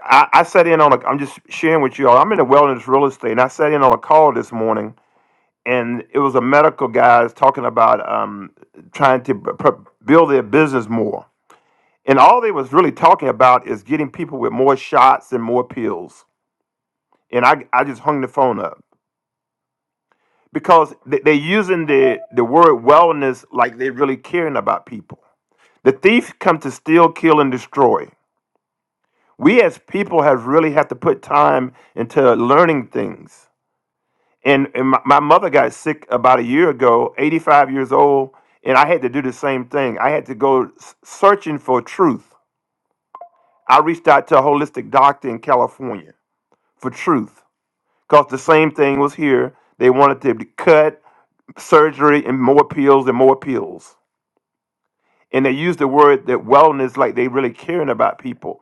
I, I sat in on a. I'm just sharing with you all. I'm in the wellness real estate, and I sat in on a call this morning and it was a medical guys talking about um, trying to b- pr- build their business more. And all they was really talking about is getting people with more shots and more pills. And I, I just hung the phone up because they, they're using the, the word wellness like they're really caring about people. The thief come to steal, kill, and destroy. We as people have really have to put time into learning things And, and my, my mother got sick about a year ago, 85 years old, and I had to do the same thing. I had to go s- searching for truth. I reached out to a holistic doctor in California for truth because the same thing was here. They wanted to be cut, surgery, and more pills and more pills. And they used the word that wellness like they really caring about people.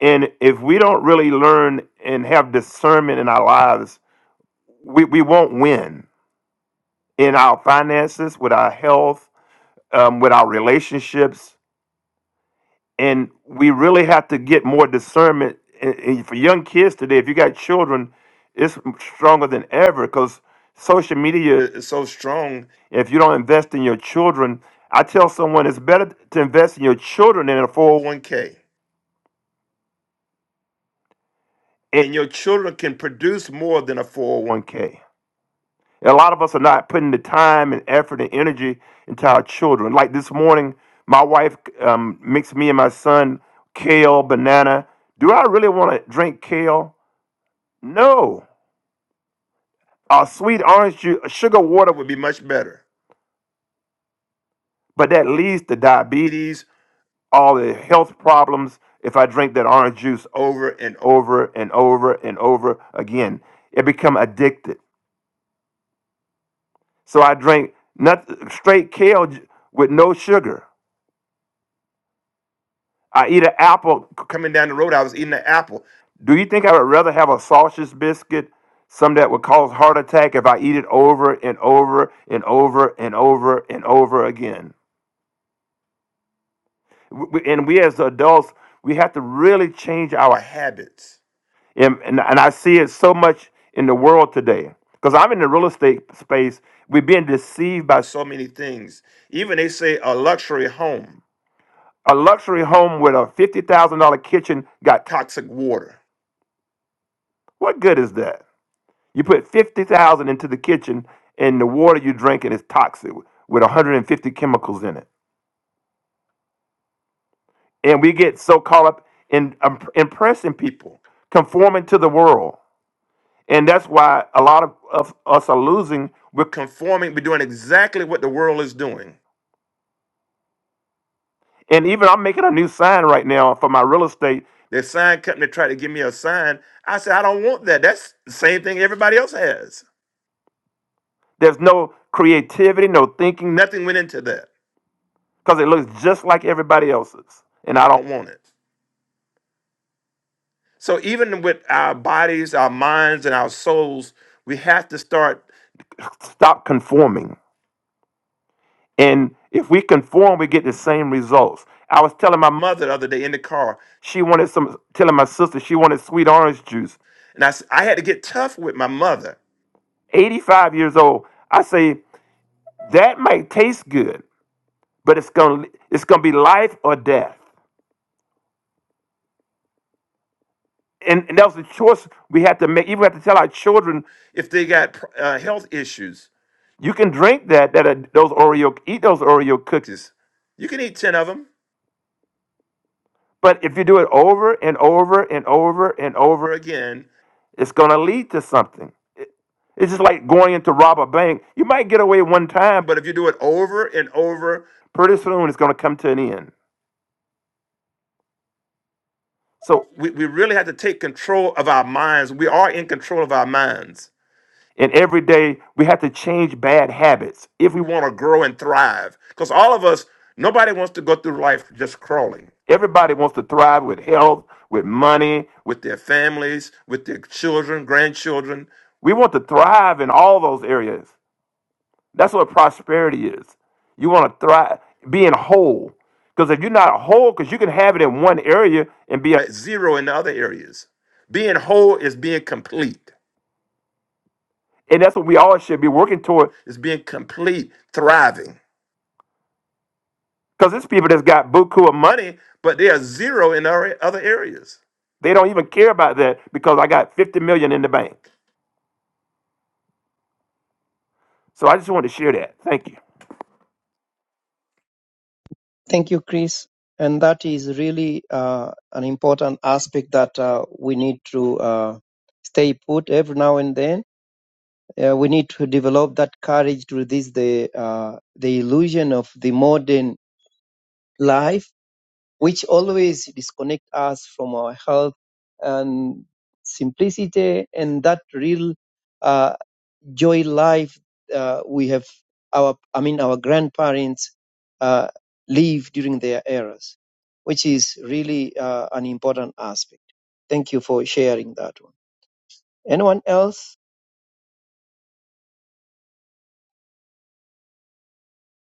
And if we don't really learn and have discernment in our lives, we, we won't win in our finances, with our health, um, with our relationships, and we really have to get more discernment. And, and for young kids today, if you got children, it's stronger than ever because social media is so strong. If you don't invest in your children, I tell someone it's better to invest in your children than in a 401k, and your children can produce more than a 401k. A lot of us are not putting the time and effort and energy into our children. Like this morning, my wife um, mixed me and my son kale, banana. Do I really want to drink kale? No. Our sweet orange juice, sugar water would be much better. But that leads to diabetes, all the health problems if I drink that orange juice over and over and over and over again. It become addicted. So I drink not, straight kale ju- with no sugar. I eat an apple coming down the road. I was eating an apple. Do you think I would rather have a sausage biscuit, some that would cause heart attack, if I eat it over and over and over and over and over again? W- w- And we as adults, we have to really change our habits. And, and, and I see it so much in the world today. Because I'm in the real estate space, we're being deceived by so many things. Even they say a luxury home. A luxury home with a $50,000 kitchen got toxic water. What good is that? You put 50,000 into the kitchen and the water you're drinking is toxic with 150 chemicals in it. And we get so caught up in um, impressing people, conforming to the world. And that's why a lot of, of us are losing. We're conforming, we're doing exactly what the world is doing. And even I'm making a new sign right now for my real estate. The sign company tried to give me a sign. I said, I don't want that. That's the same thing everybody else has. There's no creativity, no thinking. Nothing went into that because it looks just like everybody else's. And I don't want it. So even with our bodies, our minds, and our souls, we have to start. Stop conforming. And if we conform, we get the same results. I was telling my mother the other day in the car, she wanted some, telling my sister she wanted sweet orange juice. And I, s- I had to get tough with my mother, 85 years old. I say, that might taste good, but it's going to it's gonna be life or death. And, and that was the choice we had to make. Even we had to tell our children if they got uh, health issues. You can drink that, that are, those Oreo, eat those Oreo cookies. You can eat 10 of them. But if you do it over and over and over and over again, it's going to lead to something. It- It's just like going in to rob a bank. You might get away one time, but if you do it over and over, pretty soon it's going to come to an end. So we, we really have to take control of our minds. We are in control of our minds. And every day we have to change bad habits if we want to grow and thrive. Because all of us, nobody wants to go through life just crawling. Everybody wants to thrive with health, with money, with their families, with their children, grandchildren. We want to thrive in all those areas. That's what prosperity is. You want to thrive, being whole. Because if you're not whole, because you can have it in one area and be a zero in the other areas. Being whole is being complete. And that's what we all should be working toward is being complete, thriving. Because there's people that's got buku of money, but they are zero in our other areas. They don't even care about that because I got 50 million in the bank. So I just wanted to share that. Thank you.
Thank you, Chris. And that is really uh, an important aspect that uh, we need to uh, stay put every now and then. Uh, we need to develop that courage to resist the uh, the illusion of the modern life which always disconnect us from our health and simplicity and that real uh, joy life uh, we have our i mean our grandparents uh, live during their eras which is really uh, an important aspect thank you for sharing that one anyone else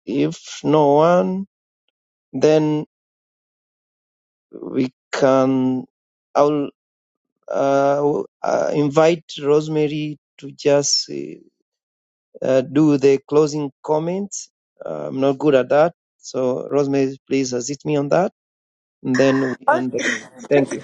if no one then we can i'll uh, uh, invite rosemary to just uh, uh, do the closing comments. Uh, I'm not good at that. So, Rosemary, please assist me on that. And then we end the call. Thank you.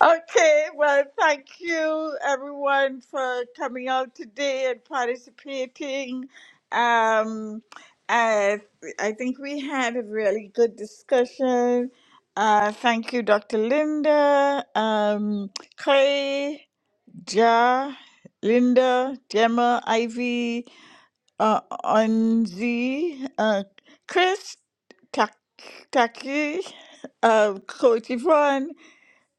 Okay, well, thank you everyone for coming out today and participating. Um, I, I think we had a really good discussion. Uh, thank you, Dr. Linda, um, Clay, Ja, Linda, Gemma, Ivy, uh, Onzi, uh, Chris, Tak- Taki, uh, Coach Yvonne.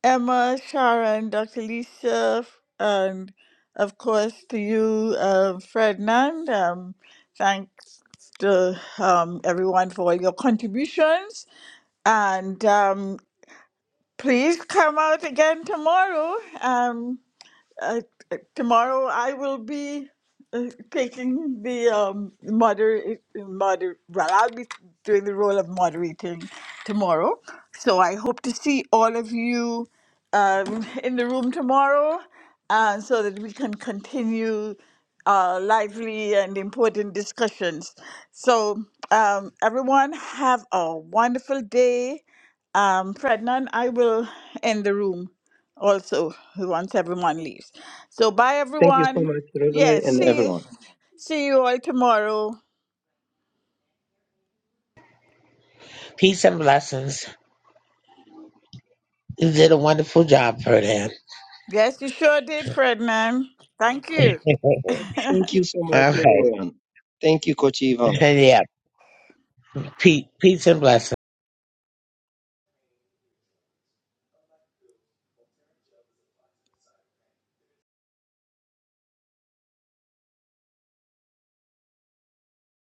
Emma, Sharon, Dr. Lisa, and of course to you, uh, Ferdinand. Um, thanks to um, everyone for all your contributions. And um, please come out again tomorrow. Um, uh, t- tomorrow I will be uh, taking the um, moder moder. Well, I'll be doing the role of moderating tomorrow. So I hope to see all of you um, in the room tomorrow, uh, so that we can continue uh, lively and important discussions. So um, everyone have a wonderful day um, Frednan, I will end the room also once everyone leaves. So bye
Thank you so
everyone.
much, Rosemary,
Yes,
and
see you.
everyone.
See you all tomorrow.
peace and blessings. You did a wonderful job for them.
Yes, you sure did, Frednan. Thank you.
Thank you so much,
All right,
everyone. Thank you, Coach Ivan.
yeah, peace, peace and blessings.